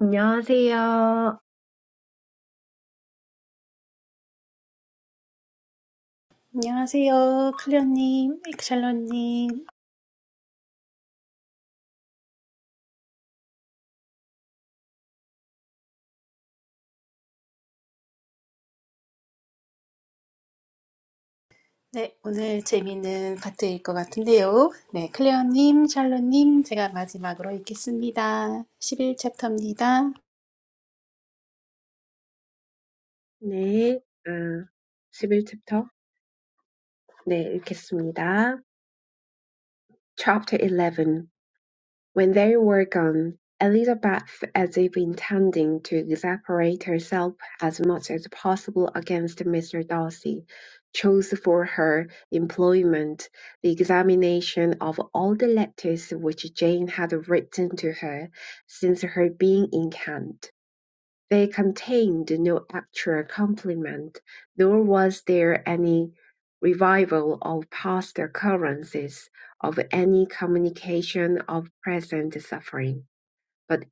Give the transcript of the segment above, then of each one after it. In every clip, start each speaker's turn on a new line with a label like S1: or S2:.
S1: 안녕하세요.
S2: 안녕하세요, 클레어님, 샬롯님. 네, 오늘 재미있는 파트일 것 같은데요. 네, 클레어님, 샬롯님, 제가 마지막으로 읽겠습니다. 십일 챕터입니다.
S1: 네, 아, 11챕터. 네, 읽겠습니다. Chapter 11. When they were gone, Elizabeth, as if intending to exasperate herself as much as possible against Mr. Darcy, chose for her employment the examination of all the letters which Jane had written to her since her being in Kent. They contained no actual complement, nor was there any revival of past occurrences of any communication of present suffering, but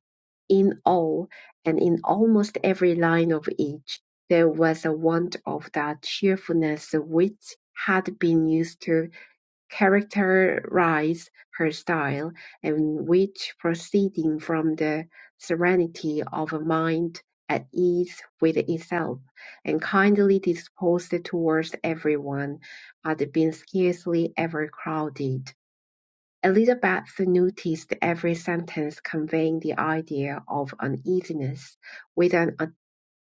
S1: in all, and in almost every line of each, there was a want of that cheerfulness which had been used to characterise her style, and which, proceeding from the serenity of a mind at ease with itself, and kindly disposed towards everyone, had been scarcely ever crowded. Elizabeth noticed every sentence conveying the idea of uneasiness, with an a-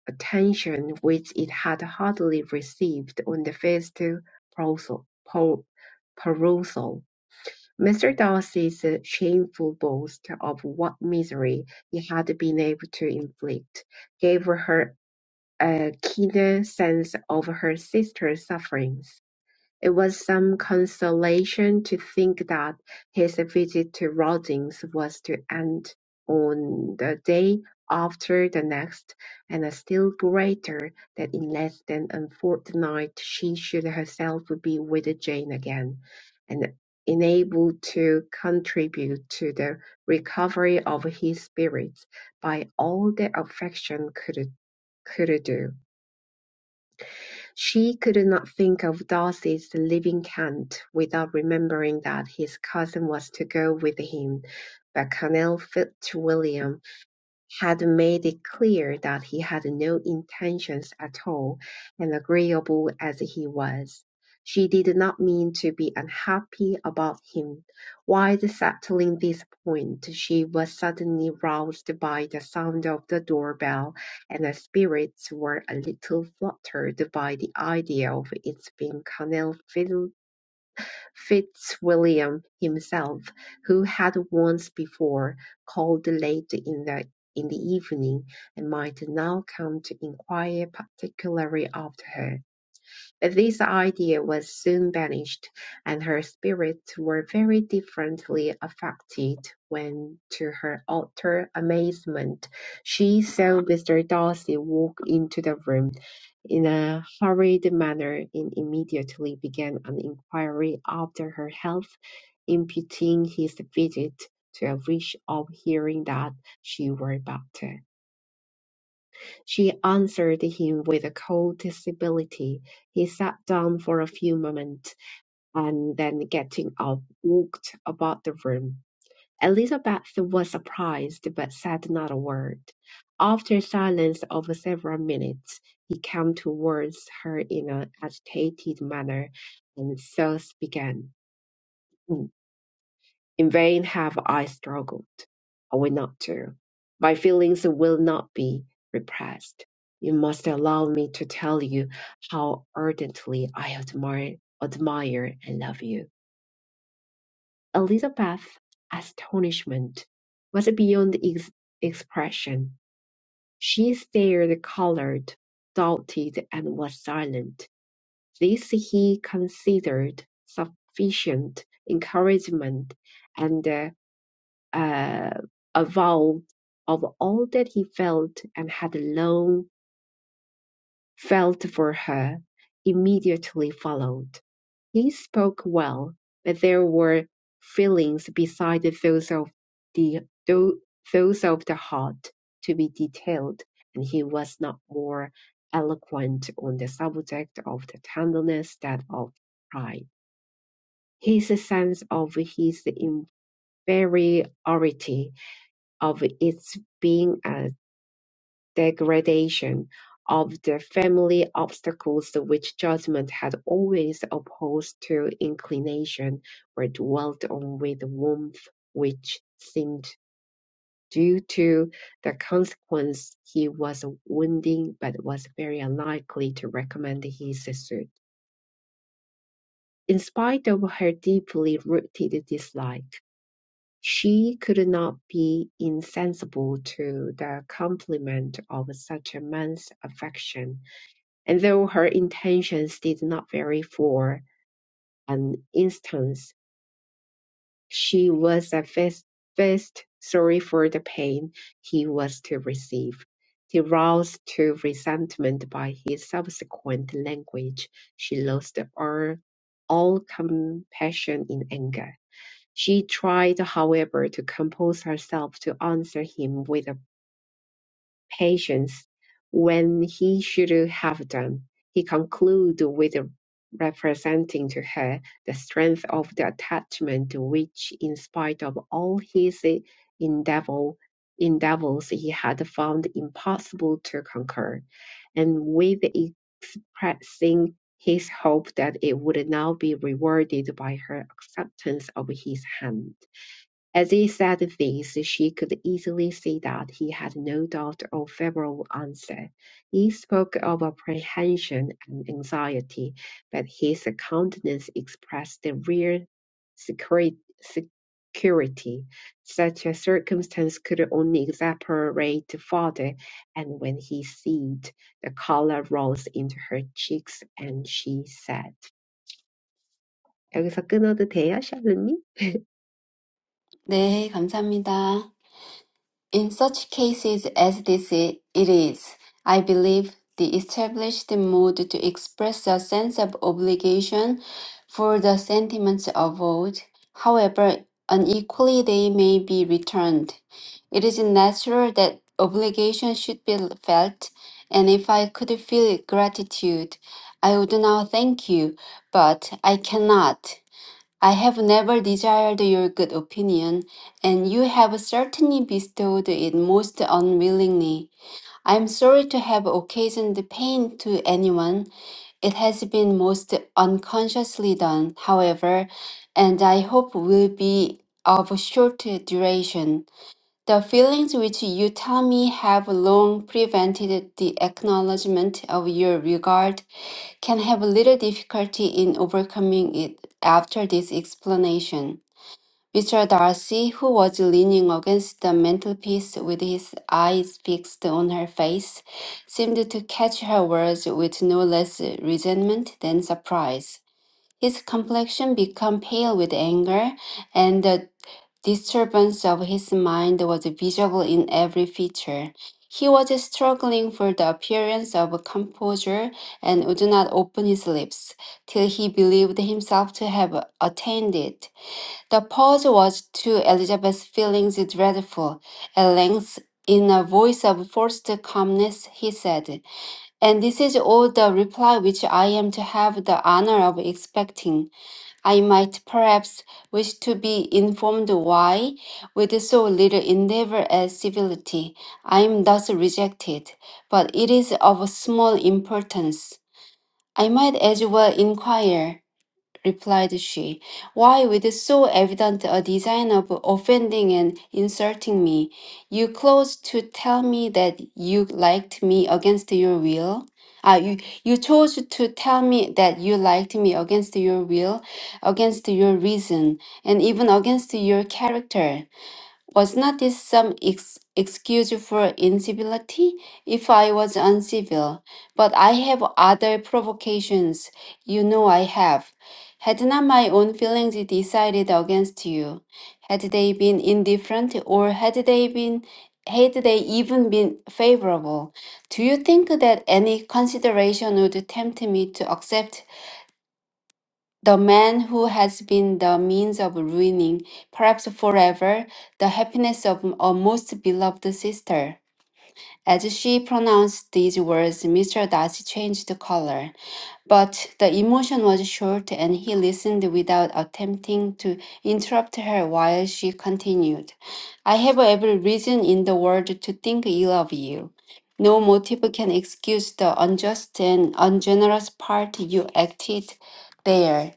S1: attention which it had hardly received on the first proposal. po- perusal. Mr. Darcy's shameful boast of what misery he had been able to inflict gave her a keener sense of her sister's sufferings. It was some consolation to think that his visit to Rawdins was to end on the day after the next, and a still greater that in less than a fortnight she should herself be with Jane again, and enabled to contribute to the recovery of his spirits by all that affection could could do. She could not think of Darcy's leaving Kent without remembering that his cousin was to go with him, but Colonel Fitzwilliam had made it clear that he had no intentions at all, and agreeable as he was, she did not mean to be unhappy about him. While settling this point, she was suddenly roused by the sound of the doorbell, and her spirits were a little fluttered by the idea of its being Colonel Phil Fitzwilliam himself, who had once before called late in the in the evening, and might now come to inquire particularly after her. But this idea was soon banished, and her spirits were very differently affected when, to her utter amazement, she saw Mr. Darcy walk into the room in a hurried manner and immediately began an inquiry after her health, imputing his visit to a wish of hearing that she were better. She answered him with a cold civility. He sat down for a few moments, and then getting up, walked about the room. Elizabeth was surprised, but said not a word. After a silence of several minutes, he came towards her in an agitated manner, and thus began. In vain have I struggled. I will not to. My feelings will not be repressed. You must allow me to tell you how ardently I admire, admire and love you. Elizabeth's astonishment was beyond ex- expression. She stared, colored, doubted, and was silent. This he considered sufficient encouragement, and uh, uh, avowed of all that he felt and had long felt for her immediately followed. He spoke well, but there were feelings beside those of the tho- those of the heart to be detailed, and he was not more eloquent on the subject of the tenderness than of pride. His sense of his inferiority, of its being a degradation of the family obstacles which judgment had always opposed to inclination were dwelt on with warmth which seemed due to the consequence he was wounding but was very unlikely to recommend his suit. In spite of her deeply rooted dislike, she could not be insensible to the compliment of such a man's affection And though her intentions did not vary for an instance, she was at first, first sorry for the pain he was to receive. Roused to resentment by his subsequent language, she lost all, all compassion in anger. She tried, however, to compose herself to answer him with a patience when he should have done, he concludes with representing to her the strength of the attachment which, in spite of all his endeavor, endeavors, he had found impossible to conquer, and with expressing his hope that it would now be rewarded by her acceptance of his hand. As he said this, she could easily see that he had no doubt of a favorable answer. He spoke of apprehension and anxiety, but his countenance expressed the real secre- security. Such a circumstance could only exasperate further, and when he ceased, the color rose into her cheeks, and she said, 여기서 끊어도 돼요, 샬롯님?
S3: 네, 감사합니다. In such cases as this, it is, I believe, the established mode to express a sense of obligation for the sentiments owed. However, unequally they may be returned. It is natural that obligation should be felt, and if I could feel gratitude, I would now thank you, but I cannot. I have never desired your good opinion, and you have certainly bestowed it most unwillingly. I am sorry to have occasioned pain to anyone. It has been most unconsciously done, however, and I hope will be of short duration. The feelings which you tell me have long prevented the acknowledgement of your regard can have little difficulty in overcoming it after this explanation. Mr. Darcy, who was leaning against the mantelpiece with his eyes fixed on her face, seemed to catch her words with no less resentment than surprise. His complexion became pale with anger, and the disturbance of his mind was visible in every feature. He was struggling for the appearance of composure and would not open his lips till he believed himself to have attained it. The pause was to Elizabeth's feelings dreadful. At length, in a voice of forced calmness, he said, And this is all the reply which I am to have the honor of expecting. I might perhaps wish to be informed why, with so little endeavor at civility, I am thus rejected, but it is of small importance. I might as well inquire replied she. Why, with so evident a design of offending and insulting me, you close to tell me that you liked me against your will? Ah, you, you chose to tell me that you liked me against your will, against your reason, and even against your character. Was not this some ex- excuse for incivility? If I was uncivil, but I have other provocations, you know I have. Had not my own feelings decided against you? Had they been indifferent, or had they been, had they even been favorable? Do you think that any consideration would tempt me to accept the man who has been the means of ruining, perhaps forever, the happiness of a most beloved sister. As she pronounced these words, Mr. Darcy changed color, but the emotion was short and he listened without attempting to interrupt her while she continued. I have every reason in the world to think ill of you. No motive can excuse the unjust and ungenerous part you acted there.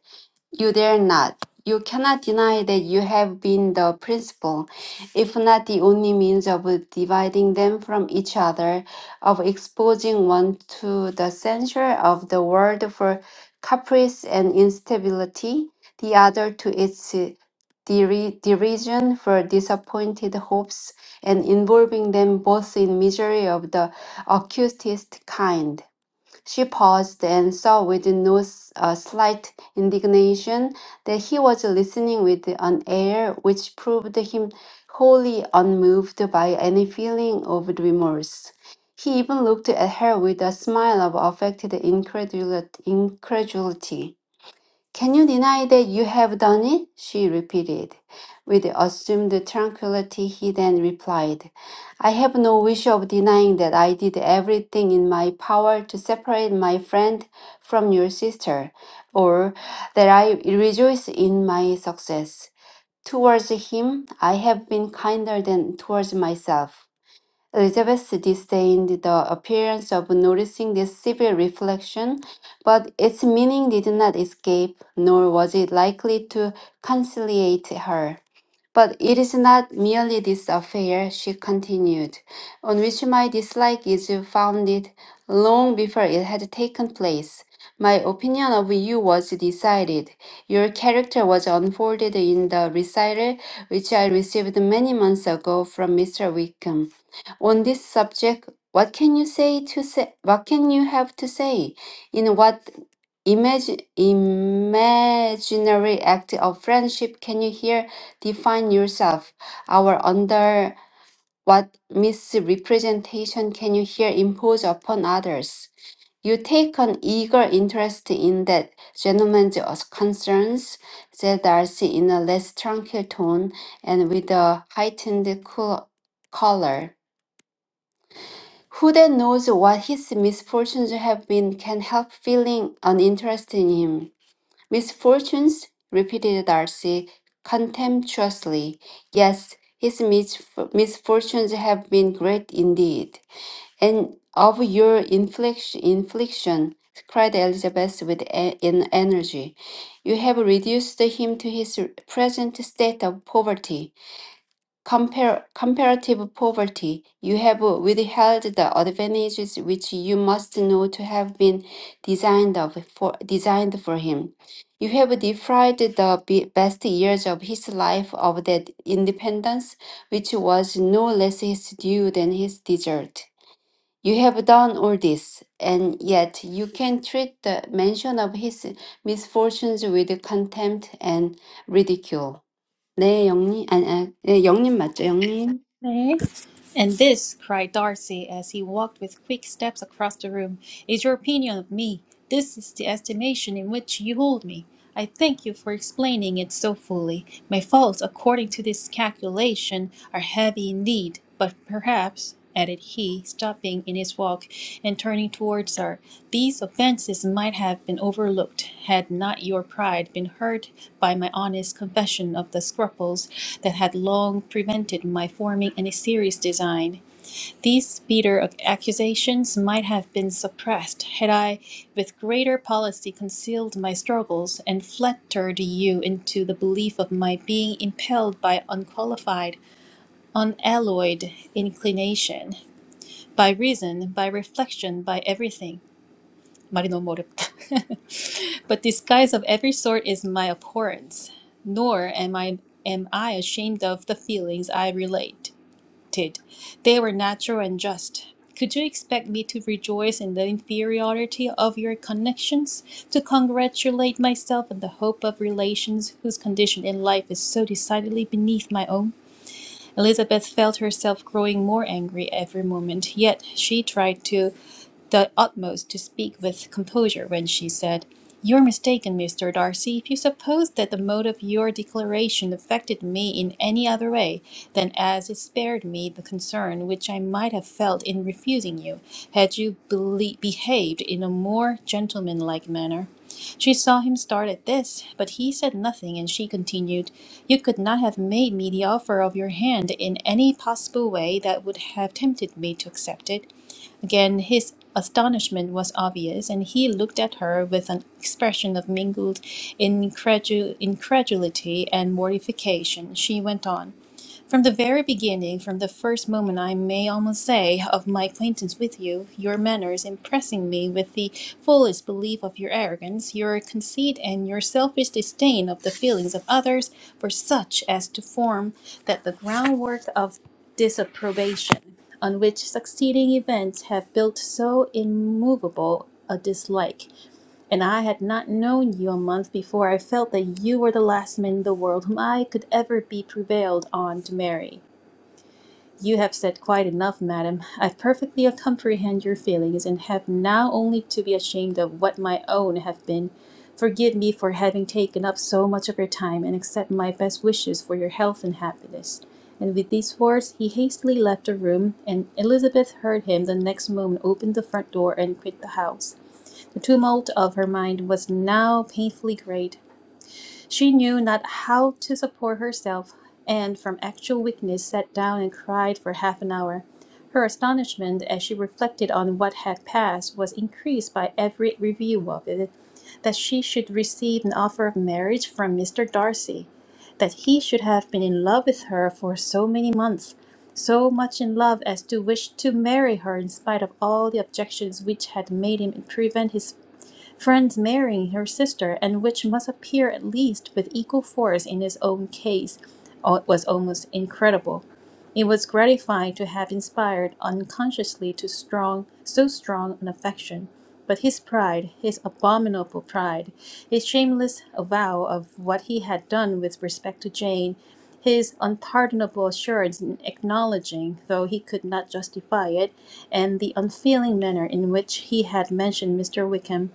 S3: You dare not. You cannot deny that you have been the principal, if not the only means of dividing them from each other, of exposing one to the censure of the world for caprice and instability, the other to its deri- derision for disappointed hopes, and involving them both in misery of the acutest kind. She paused and saw with no s- uh, slight indignation that he was listening with an air which proved him wholly unmoved by any feeling of remorse. He even looked at her with a smile of affected incredul- incredulity. Can you deny that you have done it? she repeated. With assumed tranquility, he then replied, I have no wish of denying that I did everything in my power to separate my friend from your sister, or that I rejoice in my success. Towards him, I have been kinder than towards myself. Elizabeth disdained the appearance of noticing this severe reflection, but its meaning did not escape, nor was it likely to conciliate her. But it is not merely this affair, she continued, on which my dislike is founded long before it had taken place. My opinion of you was decided. Your character was unfolded in the recital which I received many months ago from Mr. Wickham. On this subject, what can you say to say? What can you have to say? In what Imagine, imaginary act of friendship. Can you hear? Define yourself. Our under what misrepresentation can you here impose upon others? You take an eager interest in that gentleman's concerns, said Darcy in a less tranquil tone and with a heightened cool color. Who then knows what his misfortunes have been can help feeling an interest in him. Misfortunes? repeated Darcy contemptuously. Yes, his misf- misfortunes have been great indeed. And of your infliction, infliction cried Elizabeth with e- an energy. You have reduced him to his present state of poverty compar- comparative poverty, you have withheld the advantages which you must know to have been designed of for designed for him. You have deprived the be- best years of his life of that independence which was no less his due than his desert. You have done all this, and yet you can treat the mention of his misfortunes with contempt and ridicule. 네, 영님, 아니, 아, 네, 영님 맞죠, 영님?
S2: 네. And this, cried Darcy as he walked with quick steps across the room, is your opinion of me. This is the estimation in which you hold me. I thank you for explaining it so fully. My faults, according to this calculation, are heavy indeed, but perhaps. added he, stopping in his walk and turning towards her. These offences might have been overlooked had not your pride been hurt by my honest confession of the scruples that had long prevented my forming any serious design. These bitter accusations might have been suppressed had I, with greater policy, concealed my struggles and flattered you into the belief of my being impelled by unqualified, unalloyed inclination by reason, by reflection, by everything. 말이 너무 어렵다. but disguise of every sort is my abhorrence, nor am I am I ashamed of the feelings I related. They were natural and just. Could you expect me to rejoice in the inferiority of your connections, to congratulate myself on the hope of relations whose condition in life is so decidedly beneath my own? Elizabeth felt herself growing more angry every moment, yet she tried to the utmost to speak with composure when she said, You're mistaken, Mr. Darcy, if you suppose that the mode of your declaration affected me in any other way than as it spared me the concern which I might have felt in refusing you, had you bele- behaved in a more gentlemanlike manner. She saw him start at this, but he said nothing, and she continued, You could not have made me the offer of your hand in any possible way that would have tempted me to accept it. Again, his astonishment was obvious, and he looked at her with an expression of mingled incredu- incredulity and mortification. She went on. From the very beginning, from the first moment, I may almost say, of my acquaintance with you, your manners impressing me with the fullest belief of your arrogance, your conceit, and your selfish disdain of the feelings of others, for such as to form that the groundwork of disapprobation, on which succeeding events have built so immovable a dislike and I had not known you a month before I felt that you were the last man in the world whom I could ever be prevailed on to marry. You have said quite enough, madam. I perfectly comprehend your feelings, and have now only to be ashamed of what my own have been. Forgive me for having taken up so much of your time, and accept my best wishes for your health and happiness. And with these words, he hastily left the room, and Elizabeth heard him the next moment open the front door and quit the house. The tumult of her mind was now painfully great. She knew not how to support herself, and from actual weakness sat down and cried for half an hour. Her astonishment as she reflected on what had passed was increased by every review of it. That she should receive an offer of marriage from Mr. Darcy, that he should have been in love with her for so many months, so much in love as to wish to marry her in spite of all the objections which had made him prevent his friends marrying her sister, and which must appear at least with equal force in his own case, uh, was almost incredible. It was gratifying to have inspired unconsciously to strong, so strong an affection. But his pride, his abominable pride, his shameless avowal of what he had done with respect to Jane, his unpardonable assurance in acknowledging, though he could not justify it, and the unfeeling manner in which he had mentioned Mr. Wickham.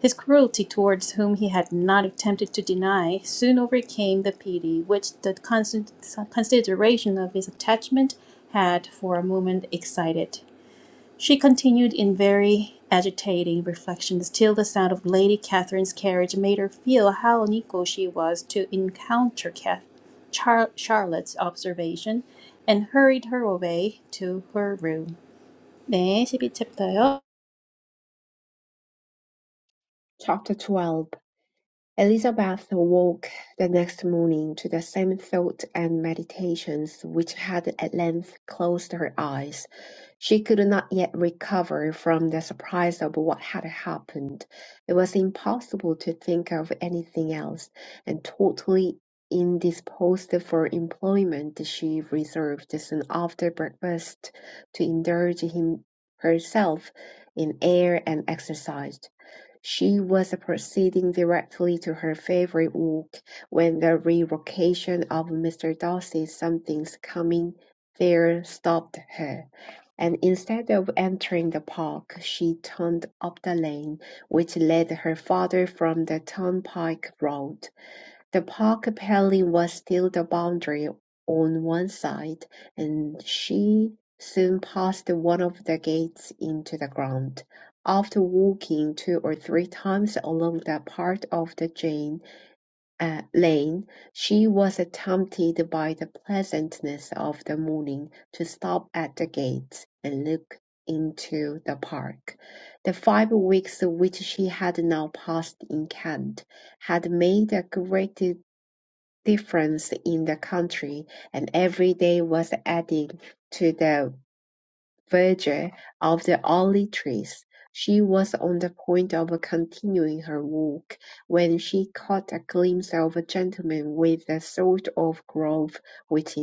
S2: His cruelty towards whom he had not attempted to deny soon overcame the pity which the constant consideration of his attachment had for a moment excited. She continued in very agitating reflections till the sound of Lady Catherine's carriage made her feel how unequal she was to encounter Cath- Char- Charlotte's observation, and hurried her away to her room. 네, 12챕터요.
S1: Chapter 12 Elizabeth awoke the next morning to the same thoughts and meditations which had at length closed her eyes. She could not yet recover from the surprise of what had happened. It was impossible to think of anything else, and totally indisposed for employment, she reserved soon after breakfast to indulge him herself in air and exercise. She was proceeding directly to her favourite walk when the revocation of Mr. Darcy's "Something's Coming" there stopped her, and instead of entering the park, she turned up the lane which led her farther from the turnpike road. The park apparently was still the boundary on one side, and she soon passed one of the gates into the ground, after walking two or three times along that part of the Jane uh, lane, she was tempted by the pleasantness of the morning to stop at the gates and look into the park. The five weeks which she had now passed in Kent had made a great difference in the country, and every day was adding to the verdure of the olive trees. She was on the point of continuing her walk when she caught a glimpse of a gentleman with a sort of glove which,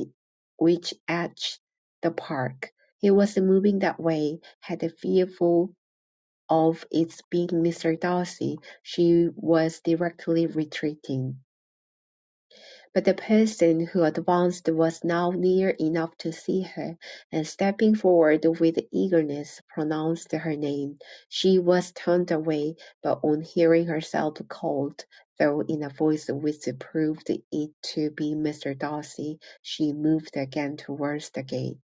S1: which edged the park. He was moving that way, had a fearful of its being Mr. Darcy. She was directly retreating. But the person who advanced was now near enough to see her, and stepping forward with eagerness, pronounced her name. She was turned away, but on hearing herself called, though in a voice which proved it to be Mr. Darcy, she moved again towards the gate.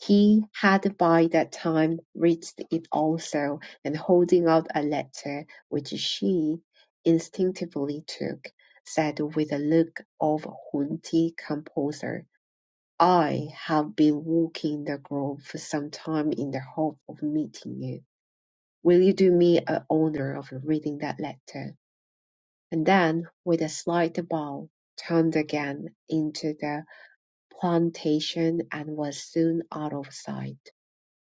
S1: He had by that time reached it also, and holding out a letter, which she instinctively took, said with a look of haughty composure, "I have been walking the grove for some time in the hope of meeting you. Will you do me the honour of reading that letter?" And then, with a slight bow, turned again into the plantation and was soon out of sight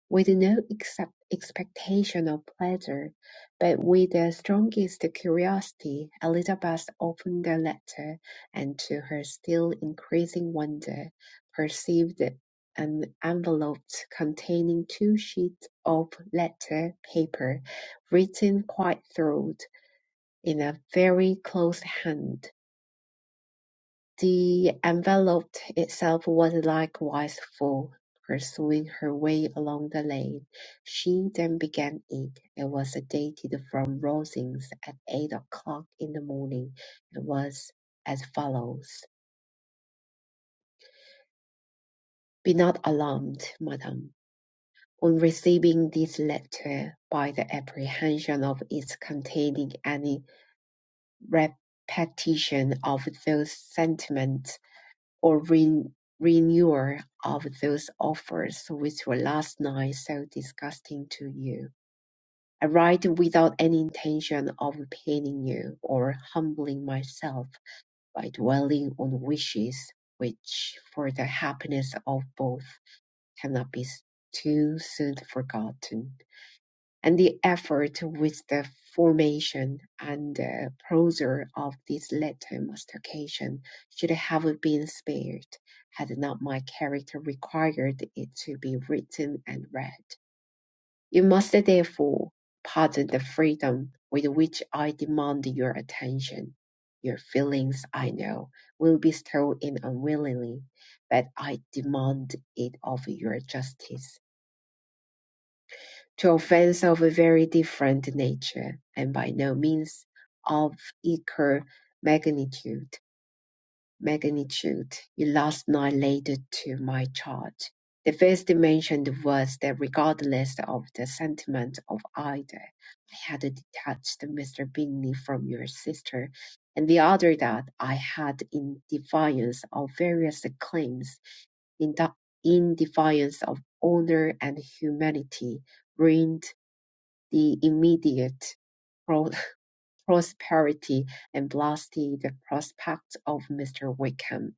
S1: with no except expectation of pleasure, but with the strongest curiosity, Elizabeth opened the letter, and to her still increasing wonder, perceived an envelope containing two sheets of letter paper, written quite through, in a very close hand. The envelope itself was likewise full. Pursuing her way along the lane, she then began it. It was dated from Rosings at eight o'clock in the morning, and was as follows: Be not alarmed, madam, on receiving this letter, by the apprehension of its containing any repetition of those sentiments or ren- renewal of those offers which were last night so disgusting to you. I write without any intention of paining you or humbling myself by dwelling on wishes which, for the happiness of both, cannot be s- too soon forgotten and the effort with the formation and uh, pressure of this latter mastication should have been spared, had not my character required it to be written and read. You must therefore pardon the freedom with which I demand your attention. Your feelings, I know, will be stirred in unwillingly, but I demand it of your justice to offense of a very different nature, and by no means of equal magnitude. Magnitude. You last night laid to my charge. The first mentioned was that regardless of the sentiment of either, I had detached Mr. Bingley from your sister, and the other that I had, in defiance of various claims, in, de- in defiance of honor and humanity, ruined the immediate pro- prosperity and blasted the prospect of Mr. Wickham,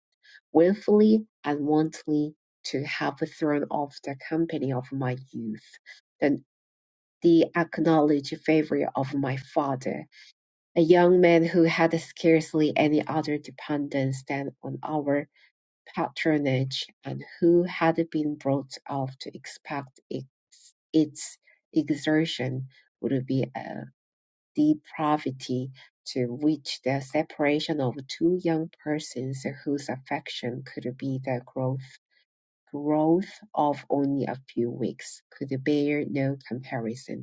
S1: willfully and wantonly to have thrown off the company of my youth, the, the acknowledged favourite of my father, a young man who had scarcely any other dependence than on our patronage, and who had been brought up to expect its, its exertion would be depravity to which the separation of two young persons whose affection could be the growth, growth of only a few weeks could bear no comparison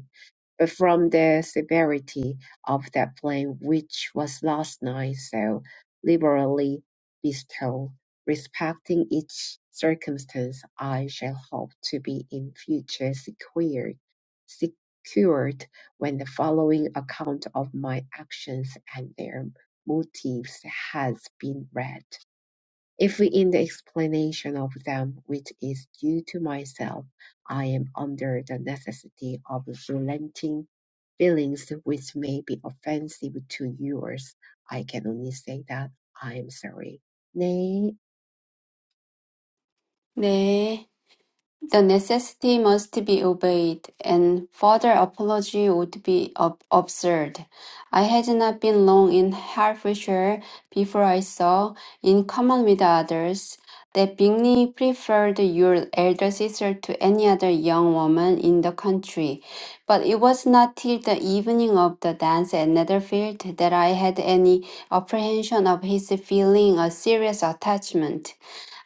S1: from the severity of that blame which was last night so liberally bestowed, respecting each circumstance, I shall hope to be in future secured, secured when the following account of my actions and their motives has been read. If in the explanation of them, which is due to myself, I am under the necessity of relenting feelings which may be offensive to yours, I can only say that I am sorry. 네,
S3: 네. The necessity must be obeyed, and further apology would be ab- absurd. I had not been long in Hertfordshire before I saw, in common with others, that Bingley preferred your elder sister to any other young woman in the country. But it was not till the evening of the dance at Netherfield that I had any apprehension of his feeling a serious attachment.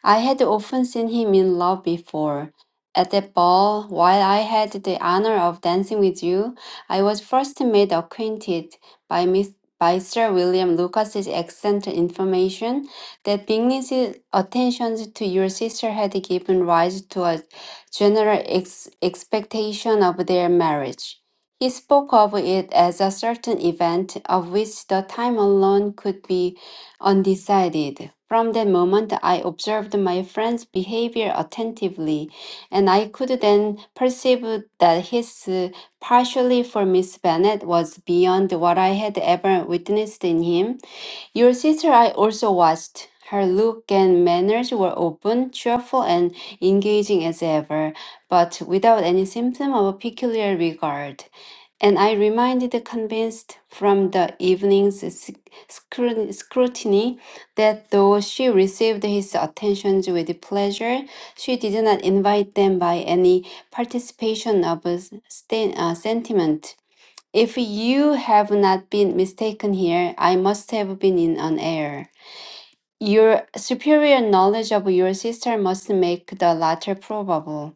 S3: I had often seen him in love before. At that ball, while I had the honor of dancing with you, I was first made acquainted by Miss by Sir William Lucas's excellent information that Bingley's attentions to your sister had given rise to a general ex- expectation of their marriage. He spoke of it as a certain event of which the time alone could be undecided. From that moment, I observed my friend's behavior attentively, and I could then perceive that his uh, partially for Miss Bennet was beyond what I had ever witnessed in him. Your sister I also watched. Her look and manners were open, cheerful, and engaging as ever, but without any symptom of a peculiar regard. And I remained convinced from the evening's scru- scrutiny that though she received his attentions with pleasure, she did not invite them by any participation of a sten- uh, sentiment. If you have not been mistaken here, I must have been in an error. Your superior knowledge of your sister must make the latter probable.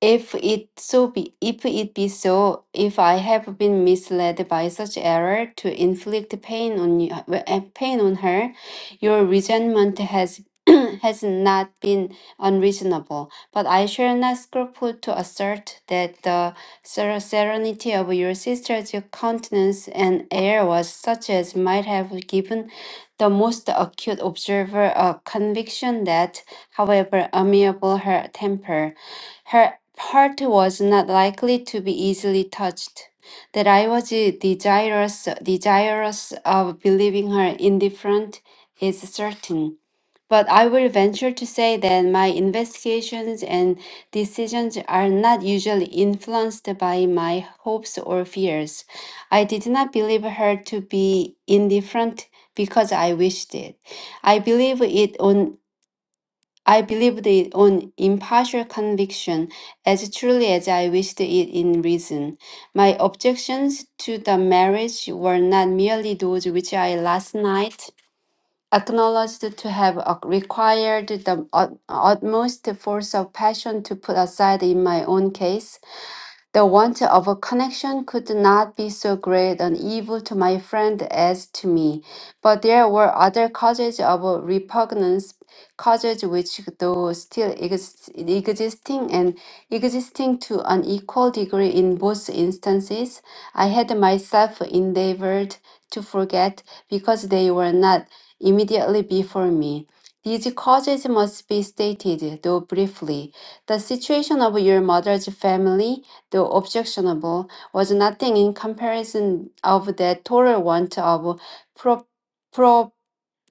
S3: If it so be, if it be so, if I have been misled by such error to inflict pain on you, uh, pain on her, your resentment has has not been unreasonable. But I shall not scruple to assert that the ser- serenity of your sister's countenance and air was such as might have given the most acute observer a conviction that, however amiable her temper. Her heart was not likely to be easily touched. That I was desirous, desirous of believing her indifferent is certain. But I will venture to say that my investigations and decisions are not usually influenced by my hopes or fears. I did not believe her to be indifferent because I wished it. I believe it on. I believed it on impartial conviction, as truly as I wished it in reason. My objections to the marriage were not merely those which I last night acknowledged to have uh, required the ut- utmost force of passion to put aside in my own case, the want of a connection could not be so great an evil to my friend as to me, but there were other causes of repugnance, causes which, though still ex- existing and existing to an equal degree in both instances, I had myself endeavored to forget because they were not immediately before me. These causes must be stated, though briefly. The situation of your mother's family, the objectionable, was nothing in comparison of the total want of pro-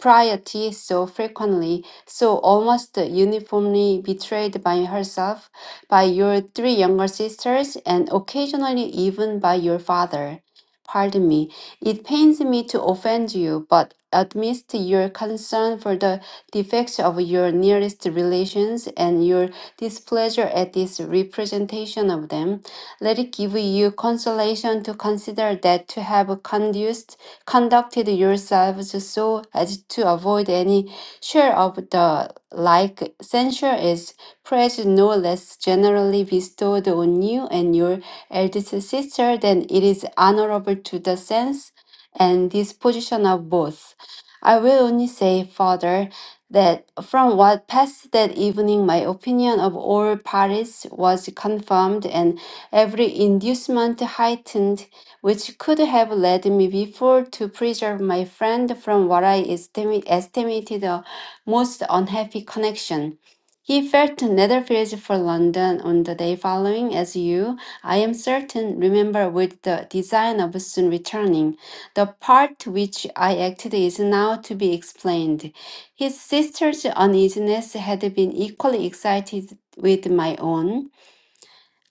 S3: piety so frequently, so almost uniformly betrayed by herself, by your three younger sisters, and occasionally even by your father. Pardon me. It pains me to offend you, but amidst your concern for the defects of your nearest relations and your displeasure at this representation of them, let it give you consolation to consider that to have conduced conducted yourselves so as to avoid any share of the like. Censure is praise no less generally bestowed on you and your eldest sister than it is honorable to the sense and disposition of both. I will only say, further that from what passed that evening, my opinion of all parties was confirmed and every inducement heightened which could have led me before to preserve my friend from what I estimi- estimated a most unhappy connection. He felt to Netherfields for London on the day following, as you, I am certain, remember with the design of soon returning. The part which I acted is now to be explained. His sister's uneasiness had been equally excited with my own.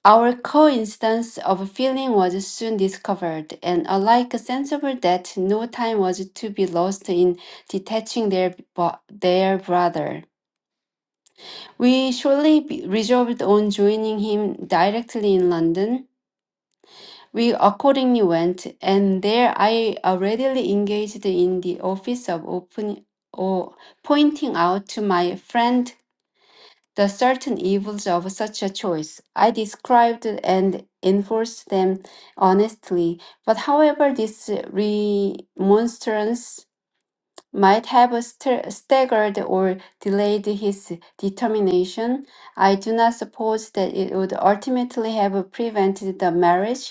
S3: Our coincidence of feeling was soon discovered, and alike sensible that no time was to be lost in detaching their, bo- their brother. We surely be- resolved on joining him directly in London. We accordingly went, and there I already engaged in the office of open, or pointing out to my friend the certain evils of such a choice. I described and enforced them honestly, but however, this remonstrance might have st- staggered or delayed his determination. I do not suppose that it would ultimately have prevented the marriage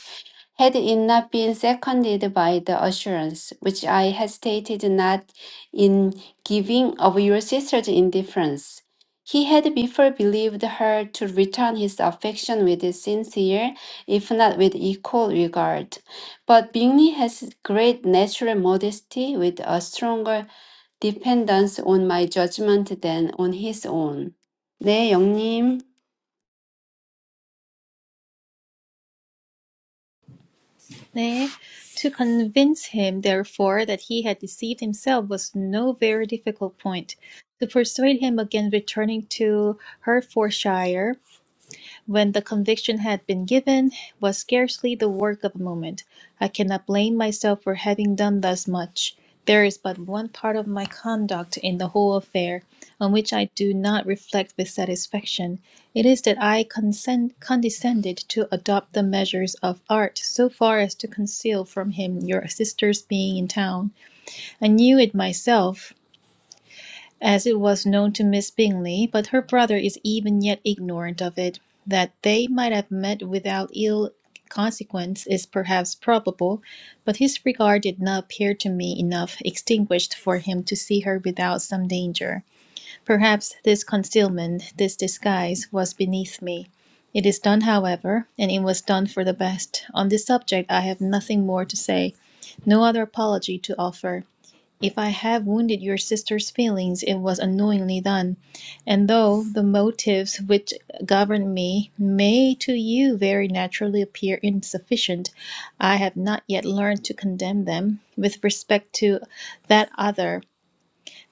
S3: had it not been seconded by the assurance which I hesitated not in giving of your sister's indifference. He had before believed her to return his affection with sincere, if not with equal regard. But Bingley has great natural modesty with a stronger dependence on my judgment than on his own. 네, 영님.
S2: Daphne. To convince him, therefore, that he had deceived himself was no very difficult point. To persuade him against returning to Hertfordshire when the conviction had been given, it was scarcely the work of a moment. I cannot blame myself for having done thus much. There is but one part of my conduct in the whole affair on which I do not reflect with satisfaction. It is that I consent, condescended to adopt the measures of art so far as to conceal from him your sister's being in town. I knew it myself, as it was known to Miss Bingley, but her brother is even yet ignorant of it. That they might have met without ill consequence is perhaps probable, but his regard did not appear to me enough extinguished for him to see her without some danger. Perhaps this concealment, this disguise, was beneath me. It is done, however, and it was done for the best. On this subject I have nothing more to say, no other apology to offer. If I have wounded your sister's feelings, it was unknowingly done. And though the motives which govern me may to you very naturally appear insufficient, I have not yet learned to condemn them with respect to that other,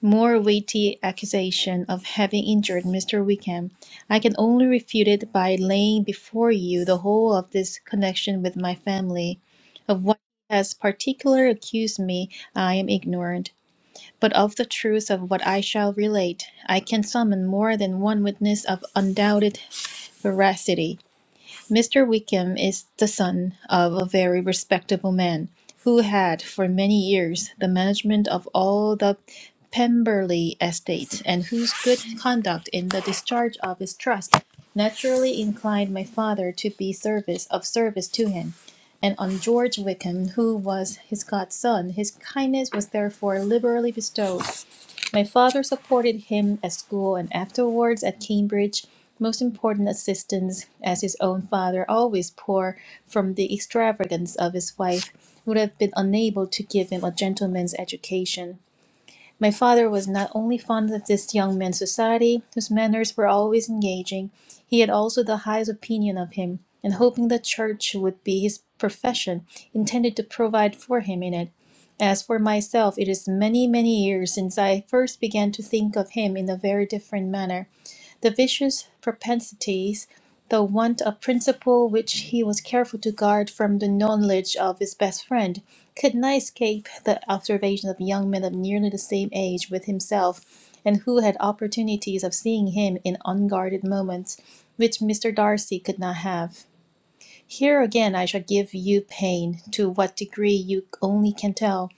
S2: more weighty accusation of having injured Mr. Wickham. I can only refute it by laying before you the whole of this connection with my family. Of what he has particularly accused me, I am ignorant but of the truth of what I shall relate, I can summon more than one witness of undoubted veracity. Mr. Wickham is the son of a very respectable man, who had for many years the management of all the Pemberley estate, and whose good conduct in the discharge of his trust naturally inclined my father to be service of service to him and on George Wickham, who was his godson. His kindness was therefore liberally bestowed, my father supported him at school and afterwards at Cambridge. Most important assistance, as his own father, always poor from the extravagance of his wife, would have been unable to give him a gentleman's education. My father was not only fond of this young man's society, whose manners were always engaging, he had also the highest opinion of him, and hoping the church would be his profession, intended to provide for him in it. As for myself, it is many, many years since I first began to think of him in a very different manner. The vicious propensities, the want of principle which he was careful to guard from the knowledge of his best friend, could not escape the observation of young men of nearly the same age with himself, and who had opportunities of seeing him in unguarded moments, which Mr. Darcy could not have. Here again I shall give you pain, to what degree you only can tell.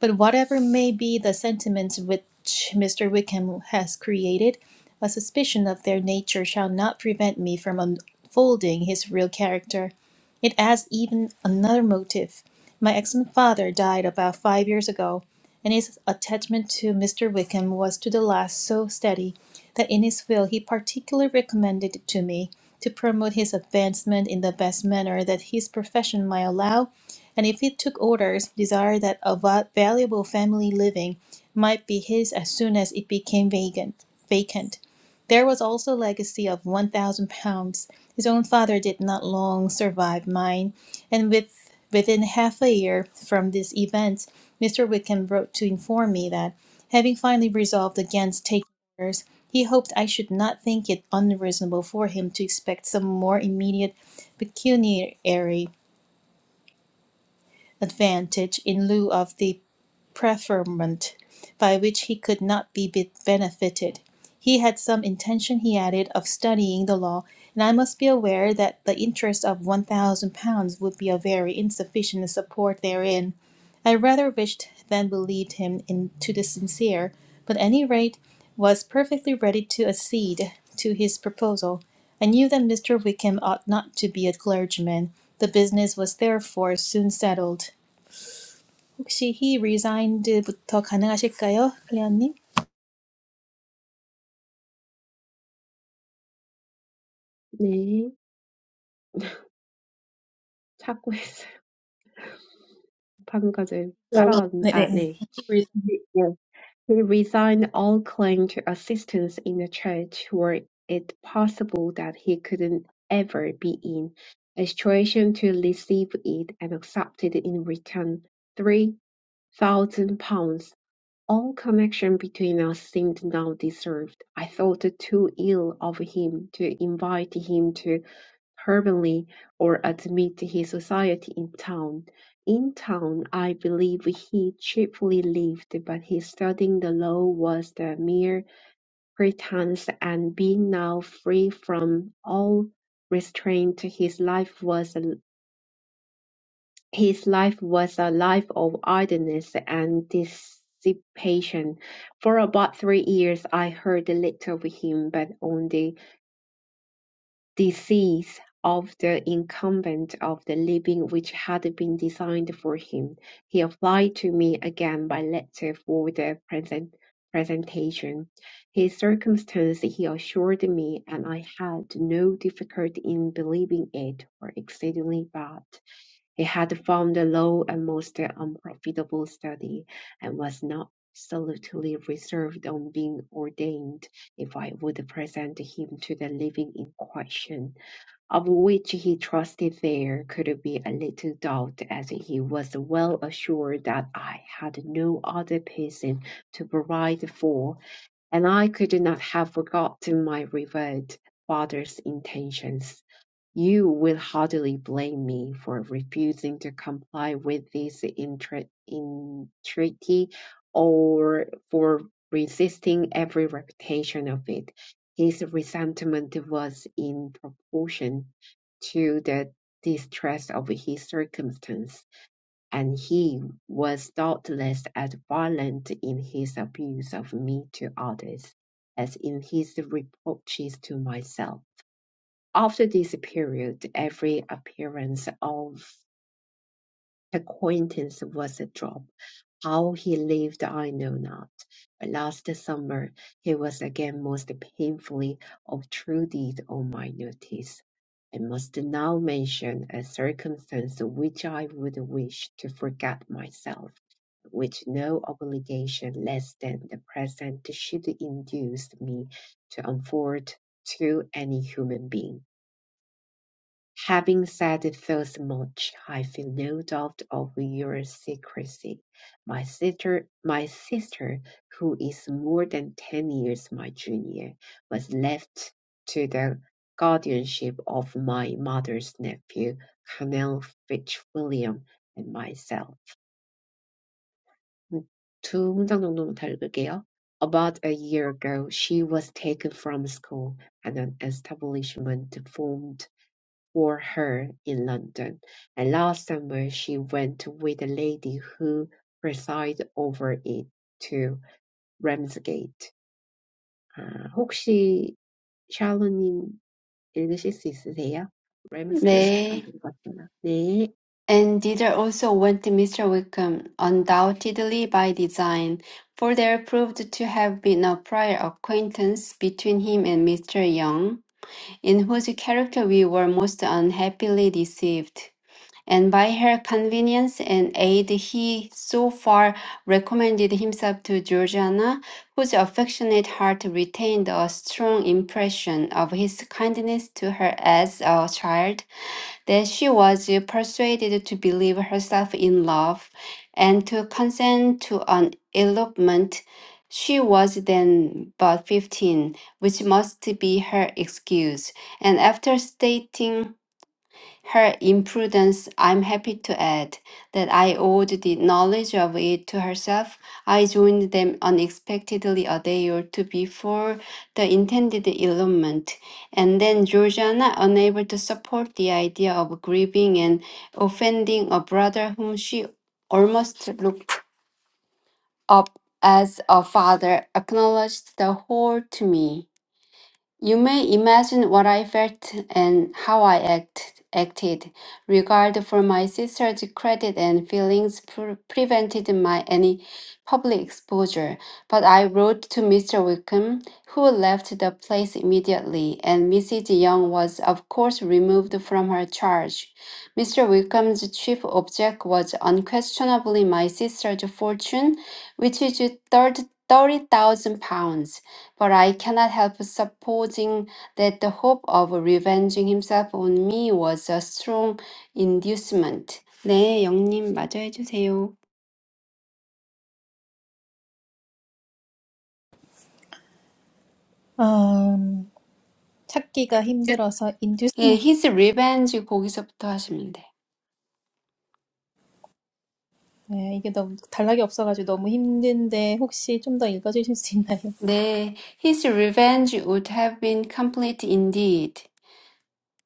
S2: But whatever may be the sentiments which Mr. Wickham has created, a suspicion of their nature shall not prevent me from unfolding his real character. It adds even another motive. My excellent father died about five years ago, and his attachment to Mr. Wickham was to the last so steady that in his will he particularly recommended to me to promote his advancement in the best manner that his profession might allow, and if he took orders, desired that a va- valuable family living might be his as soon as it became vacant. Vacant. There was also a legacy of one thousand pounds. His own father did not long survive mine, and with within half a year from this event, Mr. Wickham wrote to inform me that, having finally resolved against taking he hoped I should not think it unreasonable for him to expect some more immediate pecuniary advantage in lieu of the preferment by which he could not be benefited. He had some intention, he added, of studying the law, and I must be aware that the interest of one thousand pounds would be a very insufficient support therein. I rather wished than believed him in to the sincere, but at any rate was perfectly ready to accede to his proposal. I knew that Mr. Wickham ought not to be a clergyman. The business was therefore soon settled. 혹시 he resigned부터 가능하실까요? 클레어님?
S1: 네. 찾고 있어요. 방금 까지 따라간, 아,
S2: 네네.
S1: 네. 네, He resigned all claim to assistance in the church were it possible that he could not ever be in a situation to receive it and accepted in return three thousand pounds. All connection between us seemed now dissolved. I thought too ill of him to invite him to permanently or admit his society in town. In town I believe he cheaply lived, but his studying the law was the mere pretence, and being now free from all restraint, his life was a, his life was a life of idleness and dissipation. For about three years I heard little of him, but on the disease of the incumbent of the living which had been designed for him. He applied to me again by letter for the present presentation. His circumstance he assured me, and I had no difficulty in believing it, were exceedingly bad. He had found a low and most unprofitable study, and was not absolutely reserved on being ordained if I would present him to the living in question of which he trusted there could be a little doubt, as he was well assured that I had no other person to provide for, and I could not have forgotten my revered father's intentions. You will hardly blame me for refusing to comply with this entre- entreaty or for resisting every repetition of it. His resentment was in proportion to the distress of his circumstance, and he was doubtless as violent in his abuse of me to others as in his reproaches to myself. After this period, every appearance of acquaintance was a drop. How he lived I know not, but last summer he was again most painfully obtruded on my notice. I must now mention a circumstance which I would wish to forget myself, which no obligation less than the present should induce me to unfold to any human being. Having said it thus much, I feel no doubt of your secrecy. My sister, my sister, who is more than ten years my junior, was left to the guardianship of my mother's nephew, Colonel Fitzwilliam, and myself. 두 문장 정도만 더 읽을게요. About a year ago, she was taken from school, and an establishment formed for her in London, and last summer she went with a lady who presides over it to Ramsgate. 아, 혹시 샬로님 읽으실 수 있으세요? 램스게이트가
S3: 네.
S1: 것 같구나. 네.
S3: And thither also went Mr. Wickham, undoubtedly by design, for there proved to have been a prior acquaintance between him and Mr. Young, in whose character we were most unhappily deceived. and by her convenience and aid he so far recommended himself to Georgiana, whose affectionate heart retained a strong impression of his kindness to her as a child, that she was persuaded to believe herself in love and to consent to an elopement. She was then but fifteen, which must be her excuse, and after stating her imprudence, I'm happy to add, that I owed the knowledge of it to herself. I joined them unexpectedly a day or two before the intended elopement, and then Georgiana, unable to support the idea of grieving and offending a brother whom she almost looked up as a father, acknowledged the whole to me. You may imagine what I felt and how I act, acted. Regard for my sister's credit and feelings pre- prevented my any public exposure, but I wrote to Mr. Wickham, who left the place immediately, and Mrs. Young was, of course, removed from her charge. Mr. Wickham's chief object was unquestionably my sister's fortune, which is thirty thousand pounds but I cannot help supposing that the hope of revenging himself on me was a strong inducement. 네, 영님 마저 해주세요.
S2: 음, 찾기가 힘들어서
S3: 예,
S2: inducement.
S3: his revenge 거기서부터 하시면 돼.
S2: 네, 이게 너무 단락이 없어가지고 너무 힘든데 혹시 좀 더 읽어주실 수 있나요?
S3: 네, his revenge would have been complete indeed.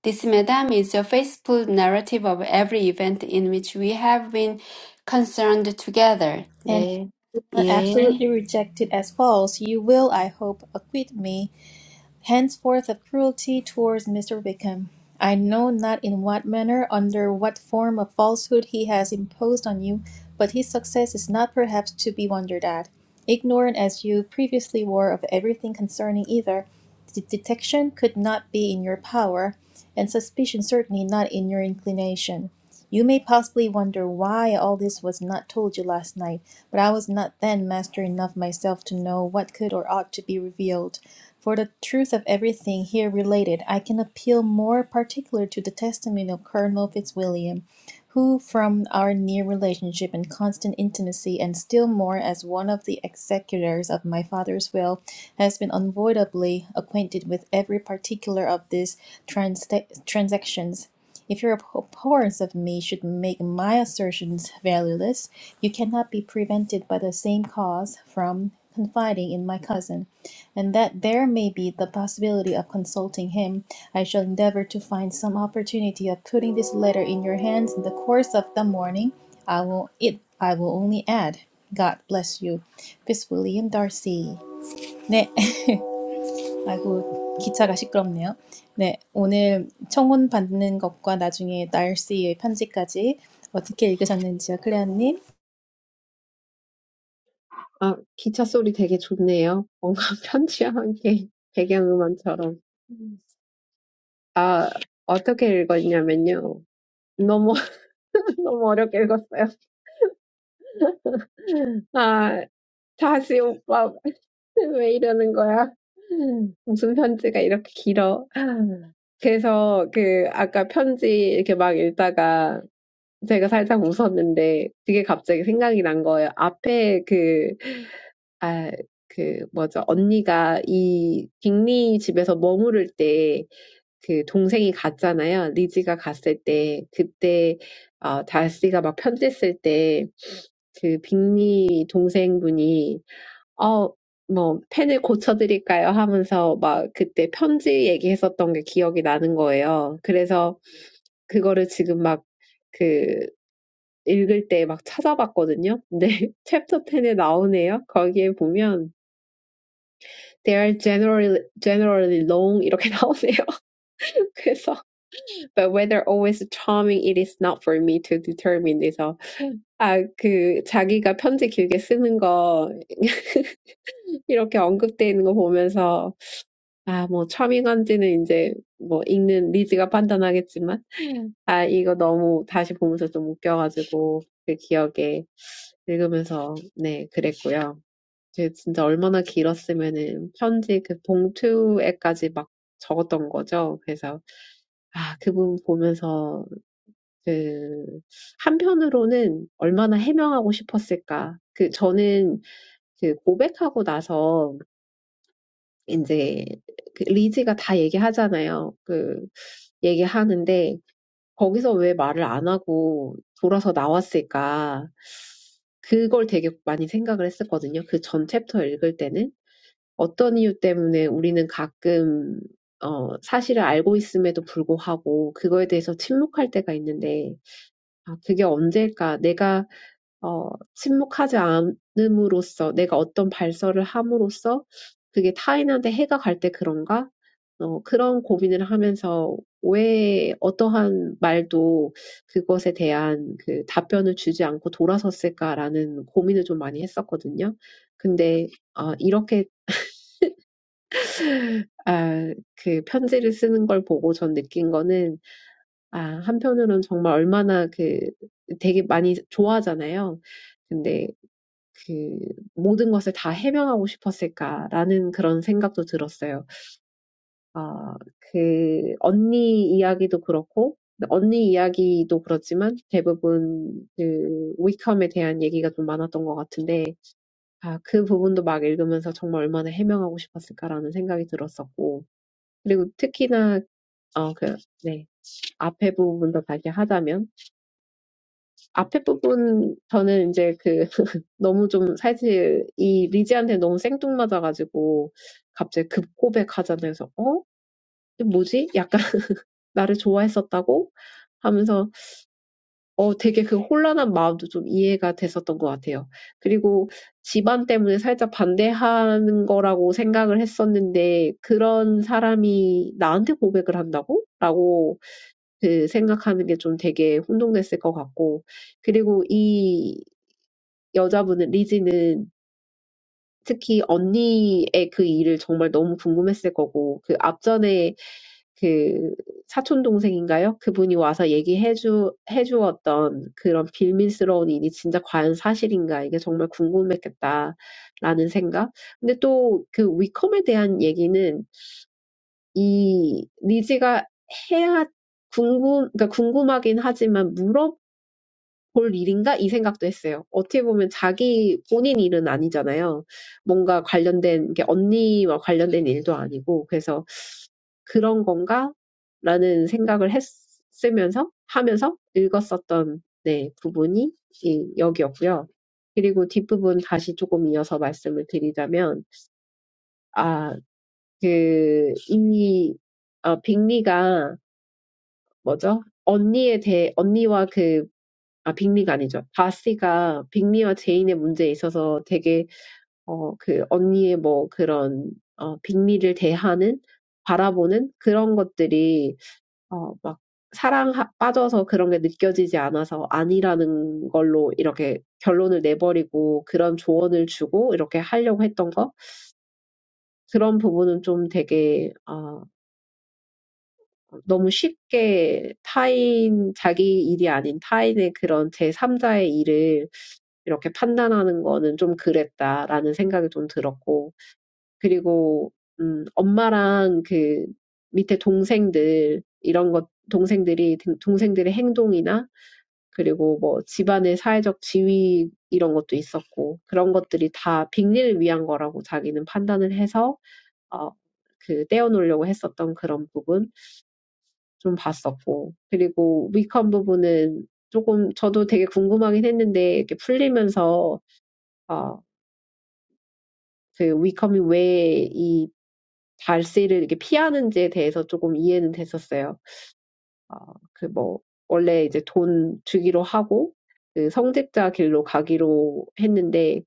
S3: This, madam, is a faithful narrative of every event in which we have been concerned together.
S2: And
S3: 네, 예.
S2: absolutely rejected as false, you will, I hope, acquit me. henceforth of cruelty towards Mr. Wickham. I know not in what manner, under what form of falsehood he has imposed on you, but his success is not perhaps to be wondered at. Ignorant as you previously were of everything concerning either, the detection could not be in your power, and suspicion certainly not in your inclination. You may possibly wonder why all this was not told you last night, but I was not then master enough myself to know what could or ought to be revealed. For the truth of everything here related, I can appeal more particular to the testimony of Colonel Fitzwilliam, who, from our near relationship and constant intimacy, and still more as one of the executors of my father's will, has been unavoidably acquainted with every particular of these trans- transactions. If your abhorrence of me should make my assertions valueless, you cannot be prevented by the same cause from confiding in my cousin; and that there may be the possibility of consulting him, I shall endeavour to find some opportunity of putting this letter in your hands in the course of the morning. I will it I will only add, God bless you. Fitzwilliam Darcy. 네. 아이고, 기차가 시끄럽네요. 네, 오늘 청혼 받는 것과 나중에 날씨의 편지까지 어떻게 읽으셨는지요, 클레어님?
S1: 아, 기차 소리 되게 좋네요. 뭔가 편지와 함께 배경음악처럼. 아, 어떻게 읽었냐면요. 너무, 너무 어렵게 읽었어요. 아, 다시 오빠 왜 이러는 거야? 무슨 편지가 이렇게 길어? 그래서 그 아까 편지 이렇게 막 읽다가 제가 살짝 웃었는데 그게 갑자기 생각이 난 거예요. 앞에 그, 아, 그 뭐죠? 언니가 이 빅리 집에서 머무를 때 그 동생이 갔잖아요. 리지가 갔을 때 그때 어, 다시가 막 편지 쓸 때 그 빅리 동생분이 어, 뭐, 펜을 고쳐드릴까요? 하면서 막 그때 편지 얘기했었던 게 기억이 나는 거예요. 그래서 그거를 지금 막 그, 읽을 때 막 찾아봤거든요. 근데 챕터 10에 나오네요. 거기에 보면 they are generally generally long 이렇게 나오네요. 그래서 but whether always charming it is not for me to determine. 그래서 아, 그 자기가 편지 길게 쓰는 거 이렇게 언급돼 있는 거 보면서 아, 뭐, 첨인 건지는 이제, 뭐, 읽는 리즈가 판단하겠지만, 아, 이거 너무 다시 보면서 좀 웃겨가지고, 그 기억에 읽으면서, 네, 그랬고요. 그 진짜 얼마나 길었으면은 편지 그 봉투에까지 막 적었던 거죠. 그래서, 아, 그 부분 보면서, 그, 한편으로는 얼마나 해명하고 싶었을까. 그, 저는 그 고백하고 나서 이제 그 리즈가 다 얘기하잖아요. 그 얘기하는데 거기서 왜 말을 안 하고 돌아서 나왔을까? 그걸 되게 많이 생각을 했었거든요. 그전 챕터 읽을 때는 어떤 이유 때문에 우리는 가끔 어, 사실을 알고 있음에도 불구하고 그거에 대해서 침묵할 때가 있는데 아, 그게 언제일까? 내가 어, 침묵하지 않음으로써 내가 어떤 발설을 함으로써 그게 타인한테 해가 갈 때 그런가? 어, 그런 고민을 하면서 왜 어떠한 말도 그것에 대한 그 답변을 주지 않고 돌아섰을까라는 고민을 좀 많이 했었거든요. 근데 어, 이렇게 아, 그 편지를 쓰는 걸 보고 전 느낀 거는 아, 한편으로는 정말 얼마나 그 되게 많이 좋아하잖아요. 근데 그 모든 것을 다 해명하고 싶었을까라는 그런 생각도 들었어요. 아, 그 언니 이야기도 그렇고 언니 이야기도 그렇지만 대부분 그 위컴에 대한 얘기가 좀 많았던 것 같은데 아, 그 부분도 막 읽으면서 정말 얼마나 해명하고 싶었을까라는 생각이 들었었고 그리고 특히나 어, 그, 네. 앞에 부분도 다시 하자면 앞에 부분 저는 이제 그 너무 좀 사실 이 리지한테 너무 생뚱맞아가지고 갑자기 급 급고백하자면서 어? 이게 뭐지? 약간 나를 좋아했었다고? 하면서 어 되게 그 혼란한 마음도 좀 이해가 됐었던 것 같아요. 그리고 집안 때문에 살짝 반대하는 거라고 생각을 했었는데 그런 사람이 나한테 고백을 한다고? 라고 그 생각하는 게좀 되게 혼동됐을 것 같고 그리고 이 여자분은 리지는 특히 언니의 그 일을 정말 너무 궁금했을 거고, 그 앞전에 그 사촌 동생인가요? 그분이 와서 얘기해 주, 해 주었던 그런 비밀스러운 일이 진짜 과연 사실인가? 이게 정말 궁금했겠다라는 생각. 근데 또그 위컴에 대한 얘기는 이 리즈가 해야 궁금, 그러니까 궁금하긴 하지만 물어 볼 일인가? 이 생각도 했어요. 어떻게 보면 자기 본인 일은 아니잖아요. 뭔가 관련된 게 언니와 관련된 일도 아니고 그래서 '그런 건가?' 라는 생각을 했으면서 하면서 읽었었던 네, 부분이 이 여기였고요. 그리고 뒷부분 다시 조금 이어서 말씀을 드리자면 아, 그이 어, 빅리가 뭐죠? 언니에 대해 언니와 그 아, 빅리가 아니죠. 바스가 빅리와 제인의 문제에 있어서 되게, 어, 그 언니의 뭐 그런, 어, 빅리를 대하는, 바라보는 그런 것들이, 어, 막 사랑 빠져서 그런 게 느껴지지 않아서 아니라는 걸로 이렇게 결론을 내버리고 그런 조언을 주고 이렇게 하려고 했던 거? 그런 부분은 좀 되게, 너무 쉽게 타인, 자기 일이 아닌 타인의 그런 제3자의 일을 이렇게 판단하는 거는 좀 그랬다라는 생각이 좀 들었고, 그리고, 음, 엄마랑 그 밑에 동생들, 이런 것, 동생들이, 동생들의 행동이나, 그리고 뭐 집안의 사회적 지위 이런 것도 있었고, 그런 것들이 다 빅리를 위한 거라고 자기는 판단을 해서, 어, 그 떼어놓으려고 했었던 그런 부분. 좀 봤었고. 그리고 위컴 부분은 조금 저도 되게 궁금하긴 했는데 이렇게 풀리면서 어그 위컴이 왜이 발세를 이렇게 피하는지에 대해서 조금 이해는 됐었어요. 아, 그뭐 원래 이제 돈 주기로 하고 그 성직자 길로 가기로 했는데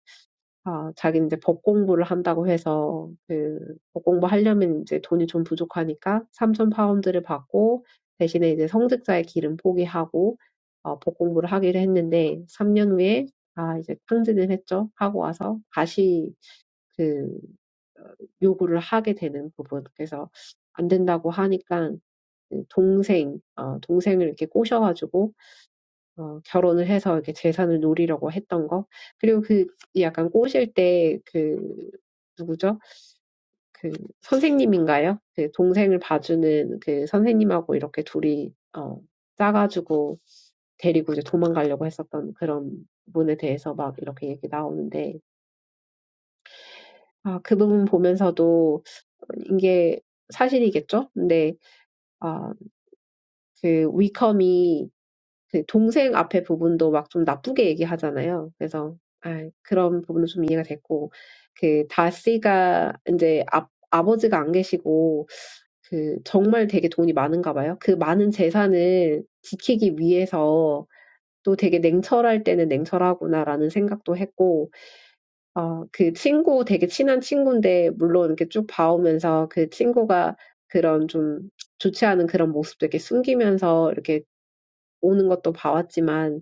S1: 아, 자기는 이제 법 공부를 한다고 해서 그 법 공부 하려면 이제 돈이 좀 부족하니까 삼천 파운드를 받고 대신에 이제 성직자의 길은 포기하고 어, 법 공부를 하기로 했는데 3년 후에 아, 이제 탕진을 했죠. 하고 와서 다시 그 요구를 하게 되는 부분. 그래서 안 된다고 하니까 그 동생, 어, 동생을 이렇게 꼬셔가지고 어, 결혼을 해서 이렇게 재산을 노리려고 했던 거. 그리고 그 약간 꼬실 때 그, 누구죠? 그 선생님인가요? 그 동생을 봐주는 그 선생님하고 이렇게 둘이, 어, 짜가지고 데리고 이제 도망가려고 했었던 그런 부분에 대해서 막 이렇게 얘기 나오는데, 아, 그 부분 보면서도 이게 사실이겠죠? 근데, 아, 그 위컴이 그 동생 앞에 부분도 막 좀 나쁘게 얘기하잖아요. 그래서 아, 그런 부분은 좀 이해가 됐고 그 다씨가 이제 아, 아버지가 안 계시고 그 정말 되게 돈이 많은가 봐요. 그 많은 재산을 지키기 위해서 또 되게 냉철할 때는 냉철하구나라는 생각도 했고, 어, 그 친구 되게 친한 친구인데 물론 이렇게 쭉 봐오면서 그 친구가 그런 좀 좋지 않은 그런 모습도 이렇게 숨기면서 이렇게 오는 것도 봐왔지만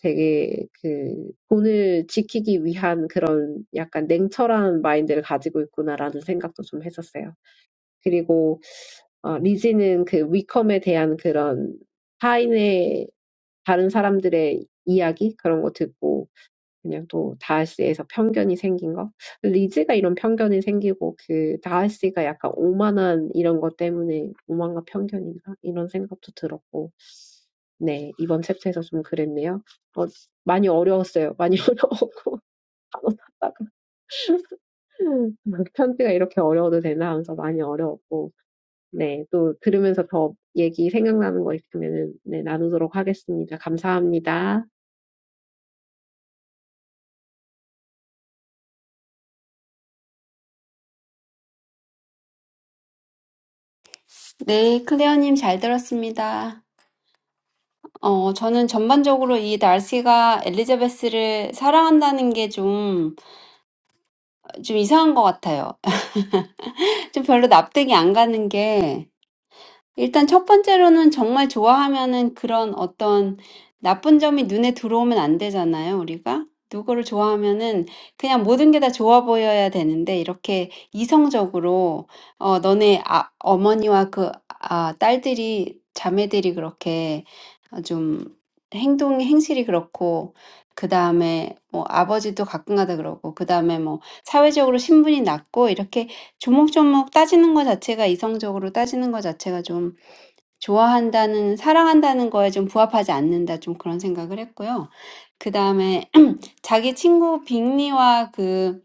S1: 되게 그 돈을 지키기 위한 그런 약간 냉철한 마인드를 가지고 있구나라는 생각도 좀 했었어요. 그리고 어, 리지는 그 위컴에 대한 그런 타인의 다른 사람들의 이야기 그런 거 듣고 그냥 또 다하스에서 편견이 생긴 거 리즈가 이런 편견이 생기고 그 다하스가 약간 오만한 이런 것 때문에 오만과 편견인가 이런 생각도 들었고 네, 이번 챕터에서 좀 그랬네요. 어, 많이 어려웠어요. 많이 어려워. 단어 찾다가. 편지가 이렇게 어려워도 되나 하면서 많이 어려웠고, 네, 또 들으면서 더 얘기 생각나는 거 있으면은, 네, 나누도록 하겠습니다. 감사합니다.
S3: 네, 클레어님 잘 들었습니다. 어, 저는 전반적으로 이 날씨가 엘리자베스를 사랑한다는 게 좀, 좀 이상한 것 같아요. 좀 별로 납득이 안 가는 게, 일단 첫 번째로는 정말 좋아하면은 그런 어떤 나쁜 점이 눈에 들어오면 안 되잖아요, 우리가. 누구를 좋아하면은 그냥 모든 게다 좋아 보여야 되는데 이렇게 이성적으로 어 너네 아, 어머니와 그 아, 딸들이 자매들이 그렇게 어, 좀 행동 행실이 그렇고 그 다음에 뭐 아버지도 가끔가다 그러고 그 다음에 뭐 사회적으로 신분이 낮고 이렇게 조목조목 따지는 것 자체가 이성적으로 따지는 것 자체가 좀 좋아한다는 사랑한다는 거에 좀 부합하지 않는다 좀 그런 생각을 했고요. 그 다음에 자기 친구 빅리와 그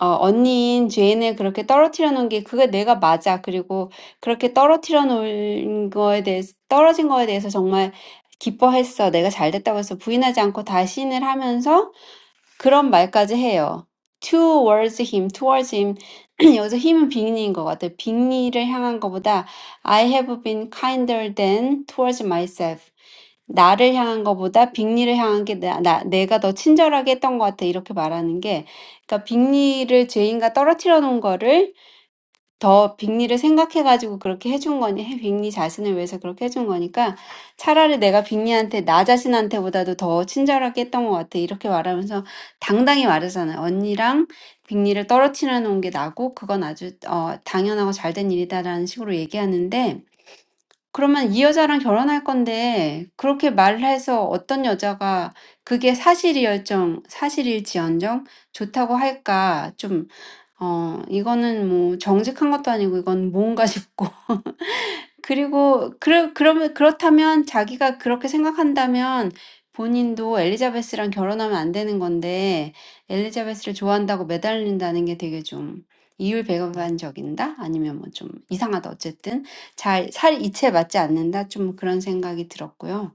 S3: 어, 언니인 제인을 그렇게 떨어뜨려 놓은 게 그게 내가 맞아. 그리고 그렇게 떨어뜨려 놓은 거에 대해서 떨어진 거에 대해서 정말 기뻐했어. 내가 잘 됐다고 해서 부인하지 않고 다신을 하면서 Two towards him, towards him. 여기서 him은 big니인 것 같아. Big니를 향한 것보다, I have been kinder than towards myself. 나를 향한 것보다, big니를 향한 게 나, 나, 내가 더 친절하게 했던 것 같아. 이렇게 말하는 게, 그러니까 big니를 죄인과 떨어뜨려 놓은 거를 더 빅리를 생각해가지고 그렇게 해준 거니, 해- 빅리 자신을 위해서 그렇게 해준 거니까 차라리 내가 빅리한테, 나 자신한테보다도 더 친절하게 했던 것 같아. 이렇게 말하면서 당당히 말하잖아요. 언니랑 빅리를 떨어뜨려 놓은 게 나고, 그건 아주, 어, 당연하고 잘된 일이다라는 식으로 얘기하는데, 그러면 이 여자랑 결혼할 건데 그렇게 말을 해서 어떤 여자가 그게 사실이었정 사실일지언정 좋다고 할까? 좀 어, 이거는 뭐 정직한 것도 아니고 이건 뭔가 싶고 그리고 그러 그러면 그렇다면 자기가 그렇게 생각한다면 본인도 엘리자베스랑 결혼하면 안 되는 건데 엘리자베스를 좋아한다고 매달린다는 게 되게 좀 이율배반적인다? 아니면 뭐좀 이상하다. 어쨌든 잘 살 이치에 맞지 않는다. 좀 그런 생각이 들었고요.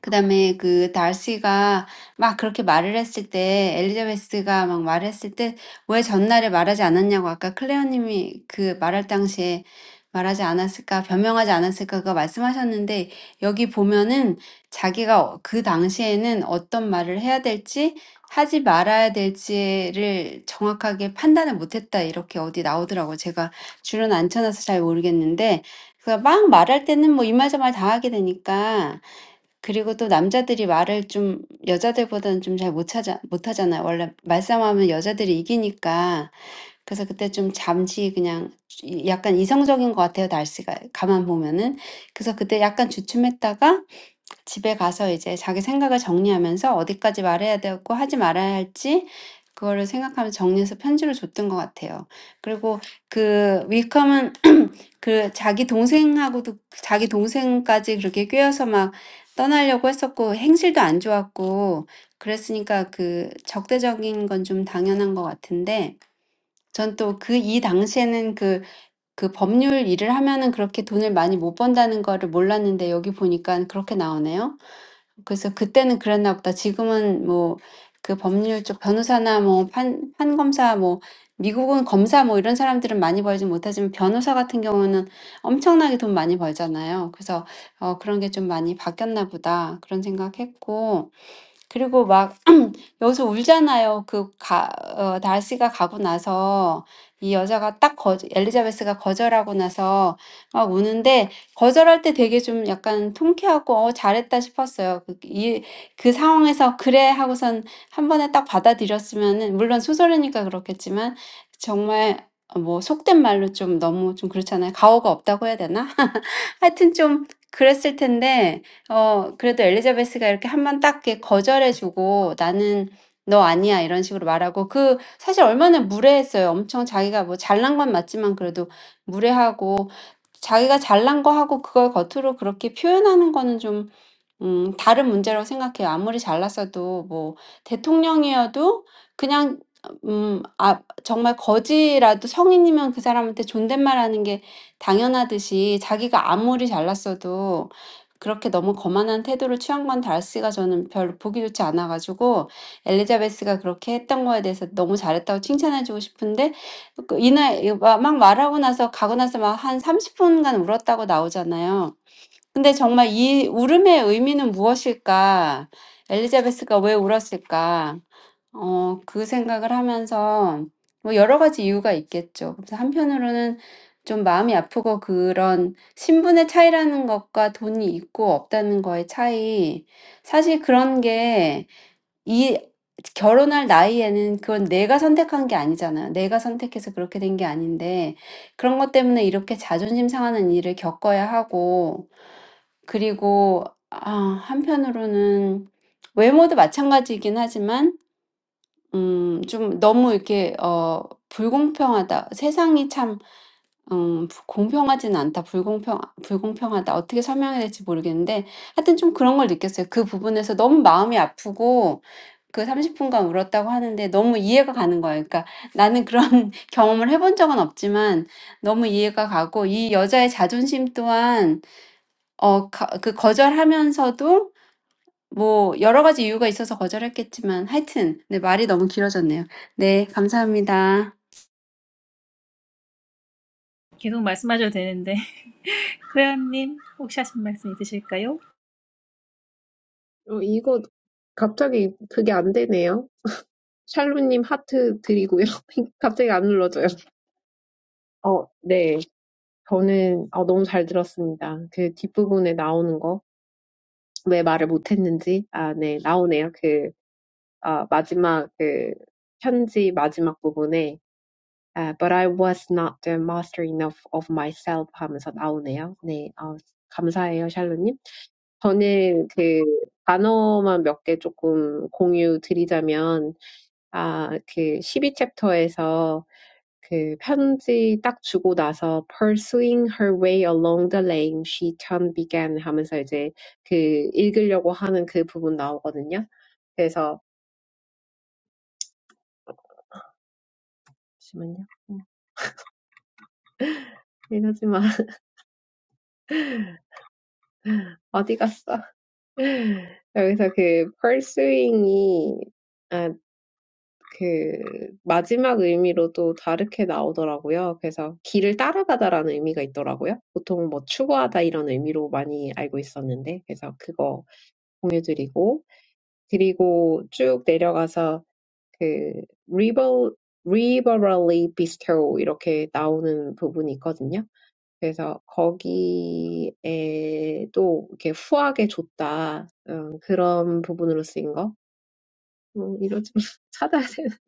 S3: 그다음에 그 달시가 막 그렇게 말을 했을 때 엘리자베스가 막 말했을 때왜 전날에 말하지 않았냐고 아까 클레어 님이 그 말할 당시에 말하지 않았을까, 변명하지 않았을까 그거 말씀하셨는데 여기 보면은 자기가 그 당시에는 어떤 말을 해야 될지 하지 말아야 될지를 정확하게 판단을 못했다 이렇게 어디 나오더라고. 제가 줄은 안 쳐놔서 잘 모르겠는데 그막 말할 때는 뭐 이말저말 다 하게 되니까 그리고 또 남자들이 말을 좀 여자들보다는 좀 잘 못 찾아 못 하잖아요. 원래 말싸움하면 여자들이 이기니까. 그래서 그때 좀 잠시 그냥 이 약간 이성적인 것 같아요, 날씨가. 가만 보면은. 그래서 그때 약간 주춤했다가 집에 가서 이제 자기 생각을 정리하면서 어디까지 말해야 되고 하지 말아야 할지 그거를 생각하면서 정리해서 편지를 줬던 것 같아요. 그리고 그 윌컴은 그 자기 동생하고도 자기 동생까지 그렇게 꾀어서 막 떠나려고 했었고 행실도 안 좋았고 그랬으니까 그 적대적인 건좀 당연한 것 같은데 전또그이 당시에는 그 그 법률 일을 하면은 그렇게 돈을 많이 못 번다는 거를 몰랐는데 여기 보니까 그렇게 나오네요. 그래서 그때는 그랬나 보다. 지금은 뭐그 법률 쪽 변호사나 뭐 판, 판검사 뭐 미국은 검사 뭐 이런 사람들은 많이 벌지 못하지만 변호사 같은 경우는 엄청나게 돈 많이 벌잖아요. 그래서 어, 그런 게좀 많이 바뀌었나 보다. 그런 생각했고 그리고 막 여기서 울잖아요. 그 가, 어, 다시가 가고 나서 이 여자가 딱 거, 엘리자베스가 거절하고 나서 막 우는데 거절할 때 되게 좀 약간 통쾌하고 어, 잘했다 싶었어요. 그, 이, 그 상황에서 그래 하고선 한 번에 딱 받아들였으면은 물론 소설이니까 그렇겠지만 정말 뭐 속된 말로 좀 너무 좀 그렇잖아요. 가오가 없다고 해야 되나? 하여튼 좀 그랬을 텐데 어 그래도 엘리자베스가 이렇게 한 번딱 이렇게 거절해 주고 "나는 너 아니야." 이런 식으로 말하고 그 사실 얼마나 무례했어요. 엄청 자기가 뭐 잘난 건 맞지만 그래도 무례하고 자기가 잘난 거 하고 그걸 겉으로 그렇게 표현하는 거는 좀 음 다른 문제라고 생각해요. 아무리 잘났어도 뭐 대통령이어도 그냥 음 아 정말 거지라도 성인이면 그 사람한테 존댓말하는 게 당연하듯이 자기가 아무리 잘났어도 그렇게 너무 거만한 태도를 취한 건 달스가 저는 별로 보기 좋지 않아가지고 엘리자베스가 그렇게 했던 거에 대해서 너무 잘했다고 칭찬해주고 싶은데 그 이날 이거 막 말하고 나서 가고 나서 막 한30 분간 울었다고 나오잖아요. 근데 정말 이 울음의 의미는 무엇일까? 엘리자베스가 왜 울었을까? 어, 그 생각을 하면서 뭐 여러 가지 이유가 있겠죠. 그래서 한편으로는 좀 마음이 아프고 그런 신분의 차이라는 것과 돈이 있고 없다는 거의 차이. 사실 그런 게이 결혼할 나이에는 그건 내가 선택한 게 아니잖아요. 내가 선택해서 그렇게 된게 아닌데 그런 것 때문에 이렇게 자존심 상하는 일을 겪어야 하고 그리고 아 한편으로는 외모도 마찬가지이긴 하지만 음좀 너무 이렇게 어 불공평하다. 세상이 참음부 공평하진 않다. 불공평 불공평하다. 어떻게 설명해야 될지 모르겠는데 하여튼 좀 그런 걸 느꼈어요. 그 부분에서 너무 마음이 아프고 그30 분간 울었다고 하는데 너무 이해가 가는 거예요. 그러니까 나는 그런 경험을 해본 적은 없지만 너무 이해가 가고 이 여자의 자존심 또한 어거그 거절하면서도 뭐 여러 가지 이유가 있어서 거절했겠지만 하여튼 네 말이 너무 길어졌네요. 네 감사합니다.
S2: 계속 말씀하셔도 되는데, 클레어님, 혹시 하신 말씀 있으실까요?
S1: 어, 이거 갑자기 그게 안 되네요. 샬루님 하트 드리고요. 갑자기 안 눌러져요. 어, 네. 저는, 어, 너무 잘 들었습니다. 그 뒷부분에 나오는 거. 왜 말을 못했는지. 아, 네. 나오네요. 그 어, 마지막 그 편지 마지막 부분에 아, But I was not the master enough of myself 하면서 나오네요. 네, 어, 감사해요, 샬로님. 저는 그 단어만 몇개 조금 공유 드리자면, 아, 그 십이 챕터에서 그 편지 딱 주고 나서 Pursuing her way along the lane she turned began 하면서 이제 그 읽으려고 하는 그 부분 나오거든요. 그래서 잠시만요. 어디 갔어? 여기서 그 pursuing이 아, 그 마지막 의미로도 다르게 나오더라고요. 그래서 길을 따라가다라는 의미가 있더라고요. 보통 뭐 추구하다 이런 의미로 많이 알고 있었는데 그래서 그거 공유드리고 그리고 쭉 내려가서 그 liberal, liberally bestow 이렇게 나오는 부분이 있거든요. 그래서 거기에도 이렇게 후하게 줬다. 음, 그런 부분으로 쓰인 거. 음, 이거 좀 찾아야 되는.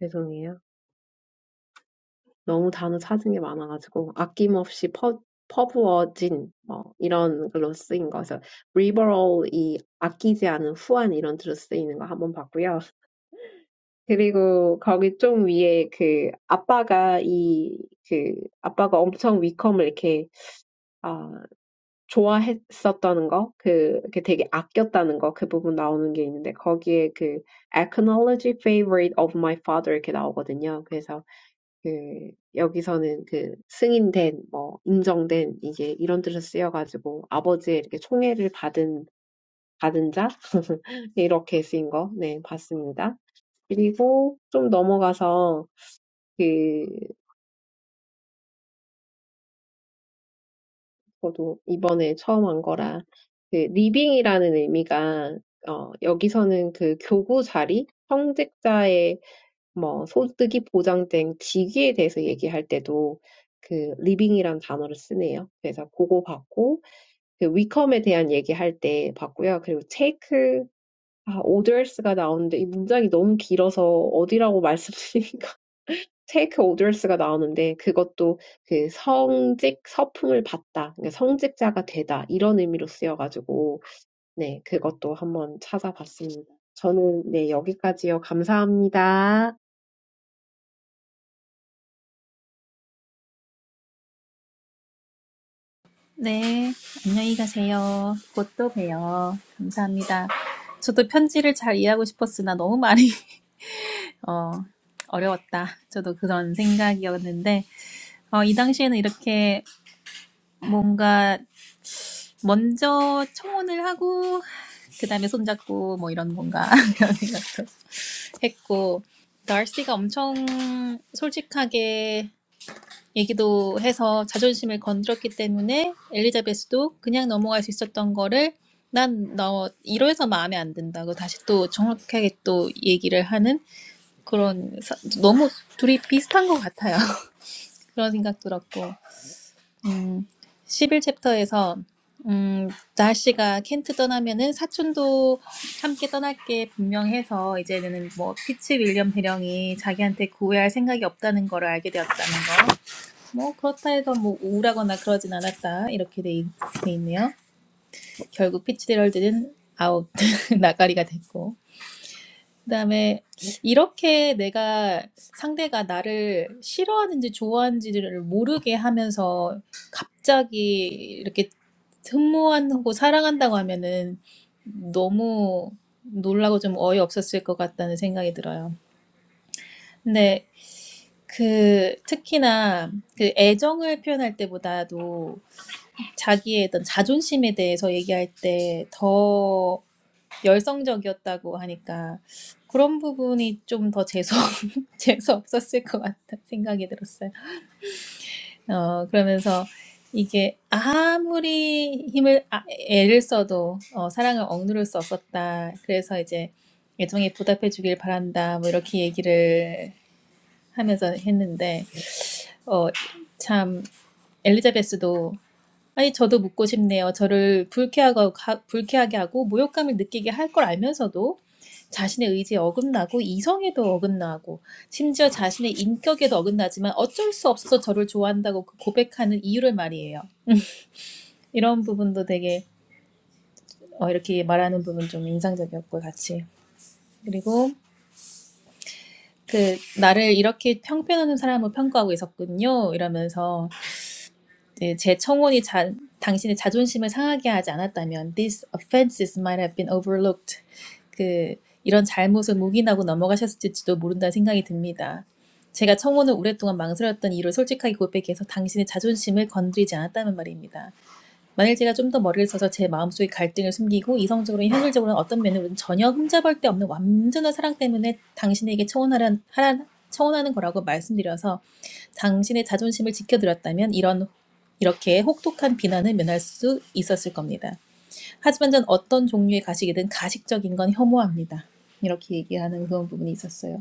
S1: 죄송해요. 너무 단어 찾은 게 많아가지고 아낌없이 퍼, 퍼부어진 뭐 이런 글로 쓰인 거. 그래서 liberal 이 아끼지 않은 후한 이런 뜻으로 쓰이는 거 한번 봤고요. 그리고 거기 좀 위에 그 아빠가 이 그 아빠가 엄청 위컴을 이렇게 좋아했었다는 거, 그, 그 되게 아꼈다는 거, 그 부분 나오는 게 있는데, 거기에 그, acknowledge favorite of my father 이렇게 나오거든요. 그래서 그, 여기서는 그, 승인된, 뭐, 인정된, 이제 이런 뜻을 쓰여가지고, 아버지의 이렇게 총애를 받은, 받은 자? 이렇게 쓰인 거, 네, 봤습니다. 그리고 좀 넘어가서, 그 저도 이번에 처음 한 거라 그 리빙이라는 의미가 어, 여기서는 그 교구 자리, 성직자의 뭐 소득이 보장된 직위에 대해서 얘기할 때도 그 리빙이란 단어를 쓰네요. 그래서 그거 봤고 그 위컴에 대한 얘기할 때 봤고요. 그리고 take 아, orders가 나오는데 이 문장이 너무 길어서 어디라고 말씀드리긴 테이크 오더스가 나오는데 그것도 그 성직 서품을 받다, 그러니까 성직자가 되다 이런 의미로 쓰여가지고 네 그것도 한번 찾아봤습니다. 저는 네 여기까지요. 감사합니다.
S2: 네, 안녕히 가세요. 곧 또 봬요. 감사합니다. 저도 편지를 잘 이해하고 싶었으나 너무 많이, 어, 어려웠다. 저도 그런 생각이었는데, 어, 이 당시에는 이렇게 뭔가 먼저 청혼을 하고 그 다음에 손잡고 뭐 이런 건가 이런 생각도 했고 달시가 엄청 솔직하게 얘기도 해서 자존심을 건드렸기 때문에 엘리자베스도 그냥 넘어갈 수 있었던 거를 난 너 이러해서 마음에 안 든다고 다시 또 정확하게 또 얘기를 하는 그런 사- 너무 둘이 비슷한 것 같아요 그런 생각 들었고 음, 11챕터에서 음, 나시가 켄트 떠나면은 사촌도 함께 떠날 게 분명해서 이제는 뭐 피츠 윌리엄 대령이 자기한테 구애할 생각이 없다는 걸 알게 되었다는 거. 뭐 그렇다 해서 뭐 우울하거나 그러진 않았다 이렇게 돼, 있- 돼 있네요. 결국 피츠 헤럴드는 아웃 나가리가 됐고. 그다음에 이렇게 내가 상대가 나를 싫어하는지 좋아하는지를 모르게 하면서 갑자기 이렇게 흠모하고 사랑한다고 하면은 너무 놀라고 좀 어이없었을 것 같다는 생각이 들어요. 근데 그 특히나 그 애정을 표현할 때보다도 자기의 어떤 자존심에 대해서 얘기할 때 더. 열성적이었다고 하니까 그런 부분이 좀 더 재수 재수 없었을 것 같다 생각이 들었어요. 어 그러면서 이게 아무리 힘을 아, 애를 써도 어, 사랑을 억누를 수 없었다. 그래서 이제 애정에 보답해 주길 바란다. 뭐 이렇게 얘기를 하면서 했는데 어참 엘리자베스도 아니, 저도 묻고 싶네요. 저를 불쾌하고, 가- 불쾌하게 하고 모욕감을 느끼게 할 걸 알면서도 자신의 의지에 어긋나고 이성에도 어긋나고 심지어 자신의 인격에도 어긋나지만 어쩔 수 없어서 저를 좋아한다고 그 고백하는 이유를 말이에요. 이런 부분도 되게 어, 이렇게 말하는 부분 좀 인상적이었고 같이. 그리고 그 나를 이렇게 평가하는 사람을 평가하고 있었군요. 이러면서 네, 제 청혼이 자, 당신의 자존심을 상하게 하지 않았다면 these offenses might have been overlooked. 그 이런 잘못을 묵인하고 넘어가셨을지도 모른다는 생각이 듭니다. 제가 청혼을 오랫동안 망설였던 이유를 솔직하게 고백해서 당신의 자존심을 건드리지 않았다는 말입니다. 만일 제가 좀 더 머리를 써서 제 마음속의 갈등을 숨기고 이성적으로, 현실적으로는 어떤 면으로는 전혀 흠잡을 데 없는 완전한 사랑 때문에 당신에게 청혼하란 하란 청혼하는 거라고 말씀드려서 당신의 자존심을 지켜드렸다면 이런 이렇게 혹독한 비난을 면할 수 있었을 겁니다. 하지만 전 어떤 종류의 가식이든 가식적인 건 혐오합니다. 이렇게 얘기하는 그런 부분이 있었어요.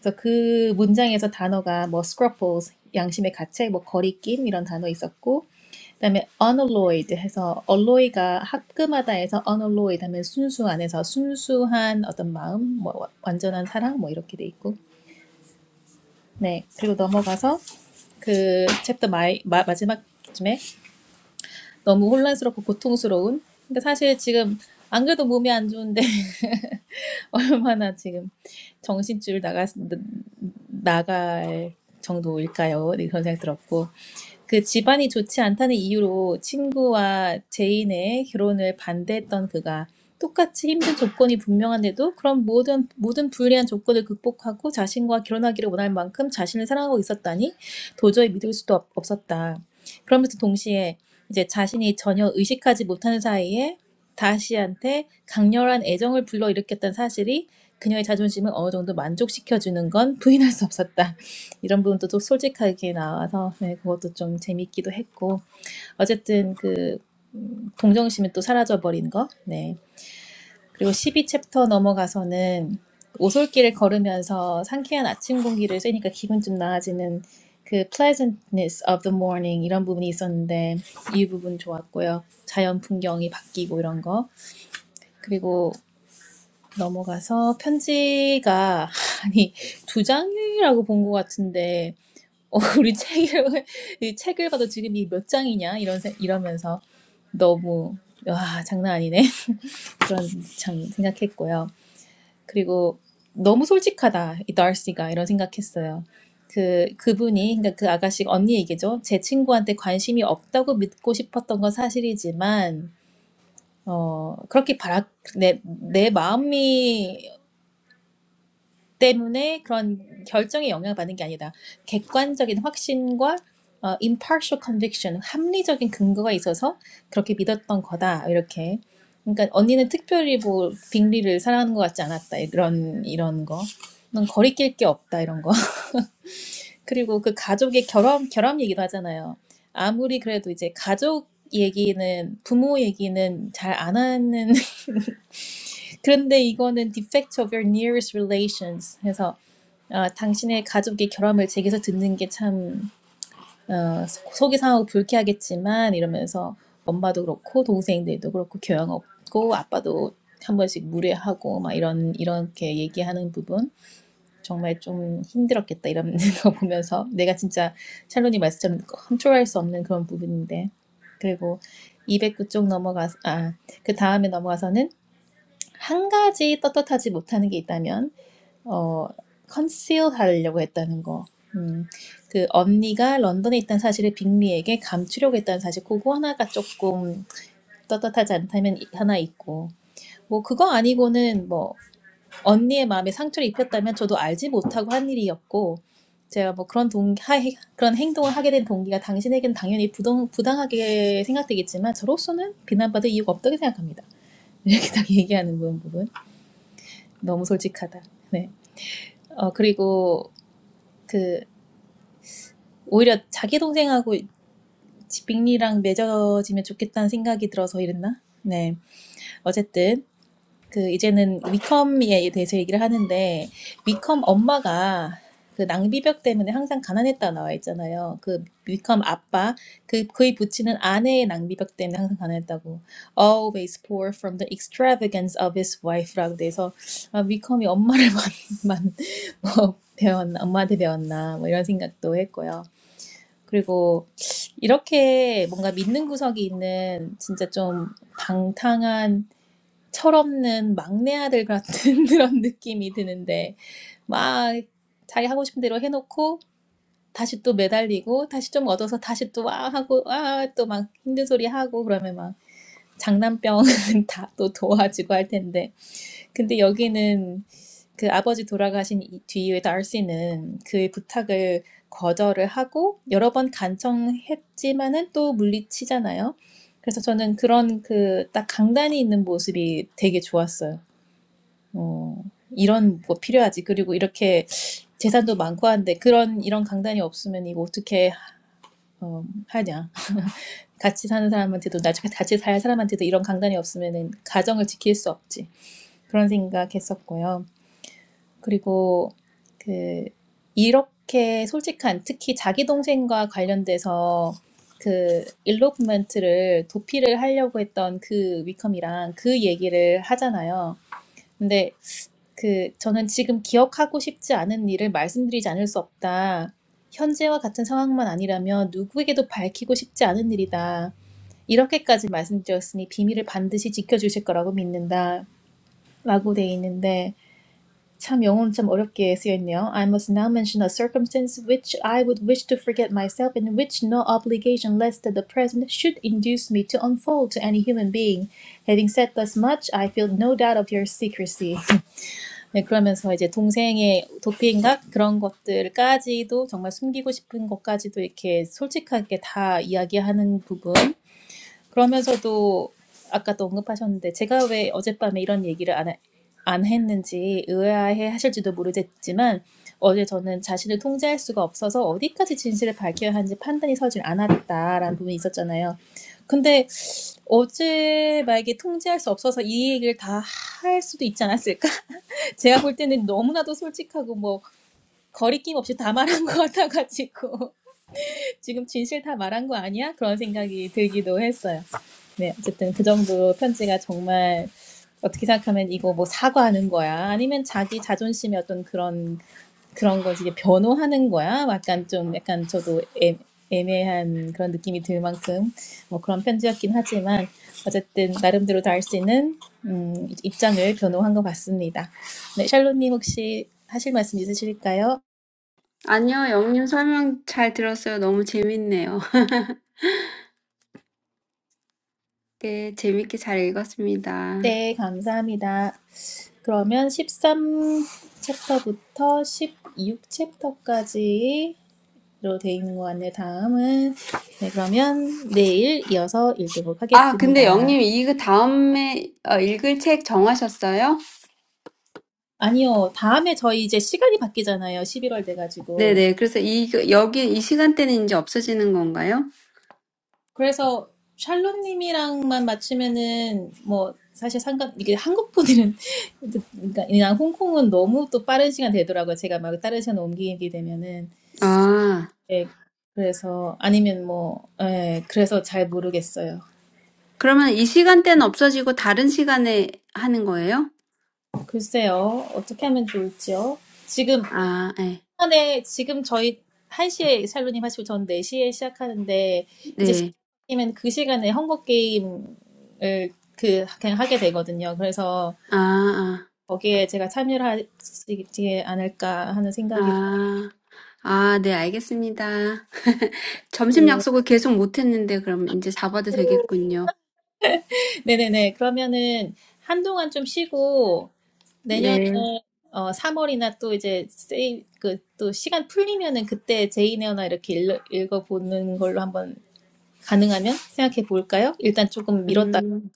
S2: 그래서 그 문장에서 단어가 뭐 scruples 양심의 가책, 뭐 거리낌 이런 단어 있었고 그다음에 unalloyed 해서 alloy가 합금하다 해서 unalloyed 하면 순수한 해서 순수한 어떤 마음, 뭐 와- 완전한 사랑 뭐 이렇게 돼 있고 네 그리고 넘어가서 그 챕터 마이, 마, 마지막쯤에 너무 혼란스럽고 고통스러운 근데 사실 지금 안 그래도 몸이 안 좋은데 얼마나 지금 정신줄 나가 나갈 정도일까요? 이런 생각 들었고 그 집안이 좋지 않다는 이유로 친구와 제인의 결혼을 반대했던 그가 똑같이 힘든 조건이 분명한데도 그런 모든 모든 불리한 조건을 극복하고 자신과 결혼하기를 원할 만큼 자신을 사랑하고 있었다니 도저히 믿을 수도 없- 없었다. 그러면서 동시에 이제 자신이 전혀 의식하지 못하는 사이에 다시한테 강렬한 애정을 불러일으켰던 사실이 그녀의 자존심을 어느 정도 만족시켜주는 건 부인할 수 없었다. 이런 부분도 또 솔직하게 나와서 네, 그것도 좀 재밌기도 했고 어쨌든 그 음, 동정심이 또 사라져버린 거. 네. 그리고 십이 챕터 넘어가서는 오솔길을 걸으면서 상쾌한 아침 공기를 쐬니까 기분 좀 나아지는 그 pleasantness of the morning 이런 부분이 있었는데 이 부분 좋았고요. 자연 풍경이 바뀌고 이런 거. 그리고 넘어가서 편지가 아니 두 장이라고 본것 같은데 어, 우리 책을 이 책을 봐도 지금 이 몇 장이냐 이런 생- 이러면서 너무 와 장난 아니네 그런 참 생각했고요. 그리고 너무 솔직하다 이 달시가 이런 생각했어요. 그 그분이 그러니까 그 아가씨 언니 얘기죠. 제 친구한테 관심이 없다고 믿고 싶었던 건 사실이지만 어 그렇게 바라 내, 내 마음이 때문에 그런 결정에 영향받는 게 아니다. 객관적인 확신과 어, impartial conviction, 합리적인 근거가 있어서 그렇게 믿었던 거다. 이렇게. 그러니까 언니는 특별히 뭐 빅리를 사랑하는 것 같지 않았다. 이런 이런 거. 넌 거리낄 게 없다. 이런 거. 그리고 그 가족의 결함 결함 얘기도 하잖아요. 아무리 그래도 이제 가족 얘기는 부모 얘기는 잘 안 하는 그런데 이거는 defect of your nearest relations 해서 어 당신의 가족이 결함을 제게서 듣는 게 참어 속이 상하고 불쾌하겠지만 이러면서 엄마도 그렇고 동생들도 그렇고 교양 없고 아빠도 한 번씩 무례하고 막 이런 이렇게 얘기하는 부분 정말 좀 힘들었겠다 이런 거 보면서 내가 진짜 샬론이 말씀처럼 컨트롤할 수 없는 그런 부분인데 그리고 209쪽 넘어가 그 다음에 넘어가서는 한 가지 떳떳하지 못하는 게 있다면 어, 컨실을 하려고 했다는 거. 음, 그 언니가 런던에 있다는 사실을 빅리에게 감추려고 했다는 사실, 그거 하나가 조금 떳떳하지 않다면 이- 하나 있고, 뭐 그거 아니고는 뭐 언니의 마음에 상처를 입혔다면 저도 알지 못하고 한 일이었고, 제가 뭐 그런 동 하, 그런 행동을 하게 된 동기가 당신에겐 당연히 부동, 부당하게 생각되겠지만 저로서는 비난받을 이유가 없다고 생각합니다. 이렇게 딱 얘기하는 부분 부분 너무 솔직하다. 네. 어 그리고 그 오히려 자기 동생하고 지- 빅리랑 맺어지면 좋겠다는 생각이 들어서 이랬나? 네. 어쨌든 그 이제는 위컴에 대해서 얘기를 하는데 위컴 엄마가 그 낭비벽 때문에 항상 가난했다 나와 있잖아요. 그 위컴 아빠 그 그의 부친은 아내의 낭비벽 때문에 항상 가난했다고 always poor from the extravagance of his wife라고 돼서 아, 위컴이 엄마를 만만 뭐 배웠나 엄마한테 배웠나 뭐 이런 생각도 했고요. 그리고 이렇게 뭔가 믿는 구석이 있는 진짜 좀 방탕한 철없는 막내 아들 같은 그런 느낌이 드는데 막 자기 하고 싶은 대로 해놓고 다시 또 매달리고 다시 좀 얻어서 다시 또 와 하고 아 또 막 힘든 소리 하고 그러면 막 장난병 다 또 도와주고 할 텐데 근데 여기는 그 아버지 돌아가신 이- 뒤에 달씨는 그의 부탁을 거절을 하고 여러 번 간청했지만은 또 물리치잖아요. 그래서 저는 그런 그딱 강단이 있는 모습이 되게 좋았어요. 어, 이런 거 필요하지. 그리고 이렇게 재산도 많고 한데 그런 이런 강단이 없으면 이거 어떻게 어, 하냐. 같이 사는 사람한테도 나중에 같이 살 사람한테도 이런 강단이 없으면은 가정을 지킬 수 없지. 그런 생각했었고요. 그리고 그 이렇게 솔직한 특히 자기 동생과 관련돼서 그 일로프먼트를 도피를 하려고 했던 그 위컴이랑 그 얘기를 하잖아요. 근데 그 저는 지금 기억하고 싶지 않은 일을 말씀드리지 않을 수 없다. 현재와 같은 상황만 아니라면 누구에게도 밝히고 싶지 않은 일이다. 이렇게까지 말씀드렸으니 비밀을 반드시 지켜주실 거라고 믿는다. 라고 돼 있는데 참 영어는 참 어렵게 쓰여 있네요. I must now mention a circumstance which I would wish to forget myself and which no obligation less than the present should induce me to unfold to any human being. Having said thus much, I feel no doubt of your secrecy. 네, 그러면서 이제 동생의 도피행각 그런 것들까지도 정말 숨기고 싶은 것까지도 이렇게 솔직하게 다 이야기하는 부분 그러면서도 아까도 언급하셨는데 제가 왜 어젯밤에 이런 얘기를 안, 하- 안 했는지 의아해 하실지도 모르겠지만 어제 저는 자신을 통제할 수가 없어서 어디까지 진실을 밝혀야 하는지 판단이 서질 않았다라는 부분이 있었잖아요. 근데 어제 만약에 통제할 수 없어서 이 얘기를 다 할 수도 있지 않았을까? 제가 볼 때는 너무나도 솔직하고 뭐 거리낌 없이 다 말한 것 같아가지고 지금 진실 다 말한 거 아니야? 그런 생각이 들기도 했어요. 네, 어쨌든 그 정도 편지가 정말 어떻게 생각하면 이거 뭐 사과하는 거야? 아니면 자기 자존심의 어떤 그런 그런 걸 이제 변호하는 거야? 약간 좀 약간 저도 애, 애매한 그런 느낌이 들 만큼 뭐 그런 편지였긴 하지만 어쨌든 나름대로 다 할 수 있는 음, 입장을 변호한 것 같습니다. 네, 샬롯님 혹시 하실 말씀 있으실까요?
S3: 아니요. 영님 설명 잘 들었어요. 너무 재밌네요. 네 재밌게 잘 읽었습니다.
S2: 네, 감사합니다. 그러면 십삼 챕터부터 십육 챕터까지 로 되어 있는 것 같네요. 다음은 네, 그러면 내일 이어서 읽도록
S3: 아 근데
S2: 하겠습니다.
S3: 영님 이거 다음에 어, 읽을 책 정하셨어요?
S2: 아니요, 다음에 저희 이제 시간이 바뀌잖아요. 11월 돼가지고.
S3: 네네. 그래서 이 여기 이 시간대는 이제 없어지는 건가요?
S2: 그래서 샬롯님이랑만 맞추면은 뭐 사실 상관 이게 한국 분들은 그러니까 그냥 홍콩은 너무 또 빠른 시간 되더라고요. 제가 막 다른 시간 옮기게 되면은
S3: 아
S2: 예, 그래서 아니면 뭐 예, 그래서 잘 모르겠어요.
S3: 그러면 이 시간대는 없어지고 다른 시간에 하는 거예요?
S2: 글쎄요, 어떻게 하면 좋을지요? 지금
S3: 아 예.
S2: 시간에 지금 저희 한 시에 샬로님 하시고 전네 시에 시작하는데 이제
S3: 네.
S2: 시간이면 그 시간에 헝거 게임을 그 그냥 하게 되거든요. 그래서
S3: 아, 아,
S2: 거기에 제가 참여를 하지 않을까 하는 생각이
S3: 아, 아, 네, 알겠습니다. 점심
S2: 들고.
S3: 약속을 계속 못 했는데, 그럼 이제 잡아도 되겠군요.
S2: 네네네. 그러면은 한동안 좀 쉬고 내년에
S3: 네,
S2: 어 삼월이나 또 이제 세이 그또 시간 풀리면은 그때 제이네어나 이렇게 읽, 읽어보는 걸로 한번 가능하면 생각해 볼까요? 일단 조금 미뤘다.
S3: 음,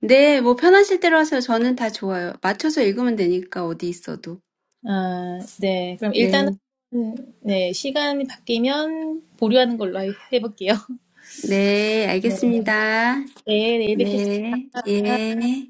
S3: 네, 뭐 편하실 대로 하세요. 저는 다 좋아요. 맞춰서 읽으면 되니까, 어디 있어도.
S2: 아, 네. 그럼
S3: 네,
S2: 일단은, 네, 시간이 바뀌면 보류하는 걸로 해- 해볼게요.
S3: 네, 알겠습니다.
S2: 네, 내일 뵙겠습니다.
S3: 네,
S2: 감사합니다.
S3: 예.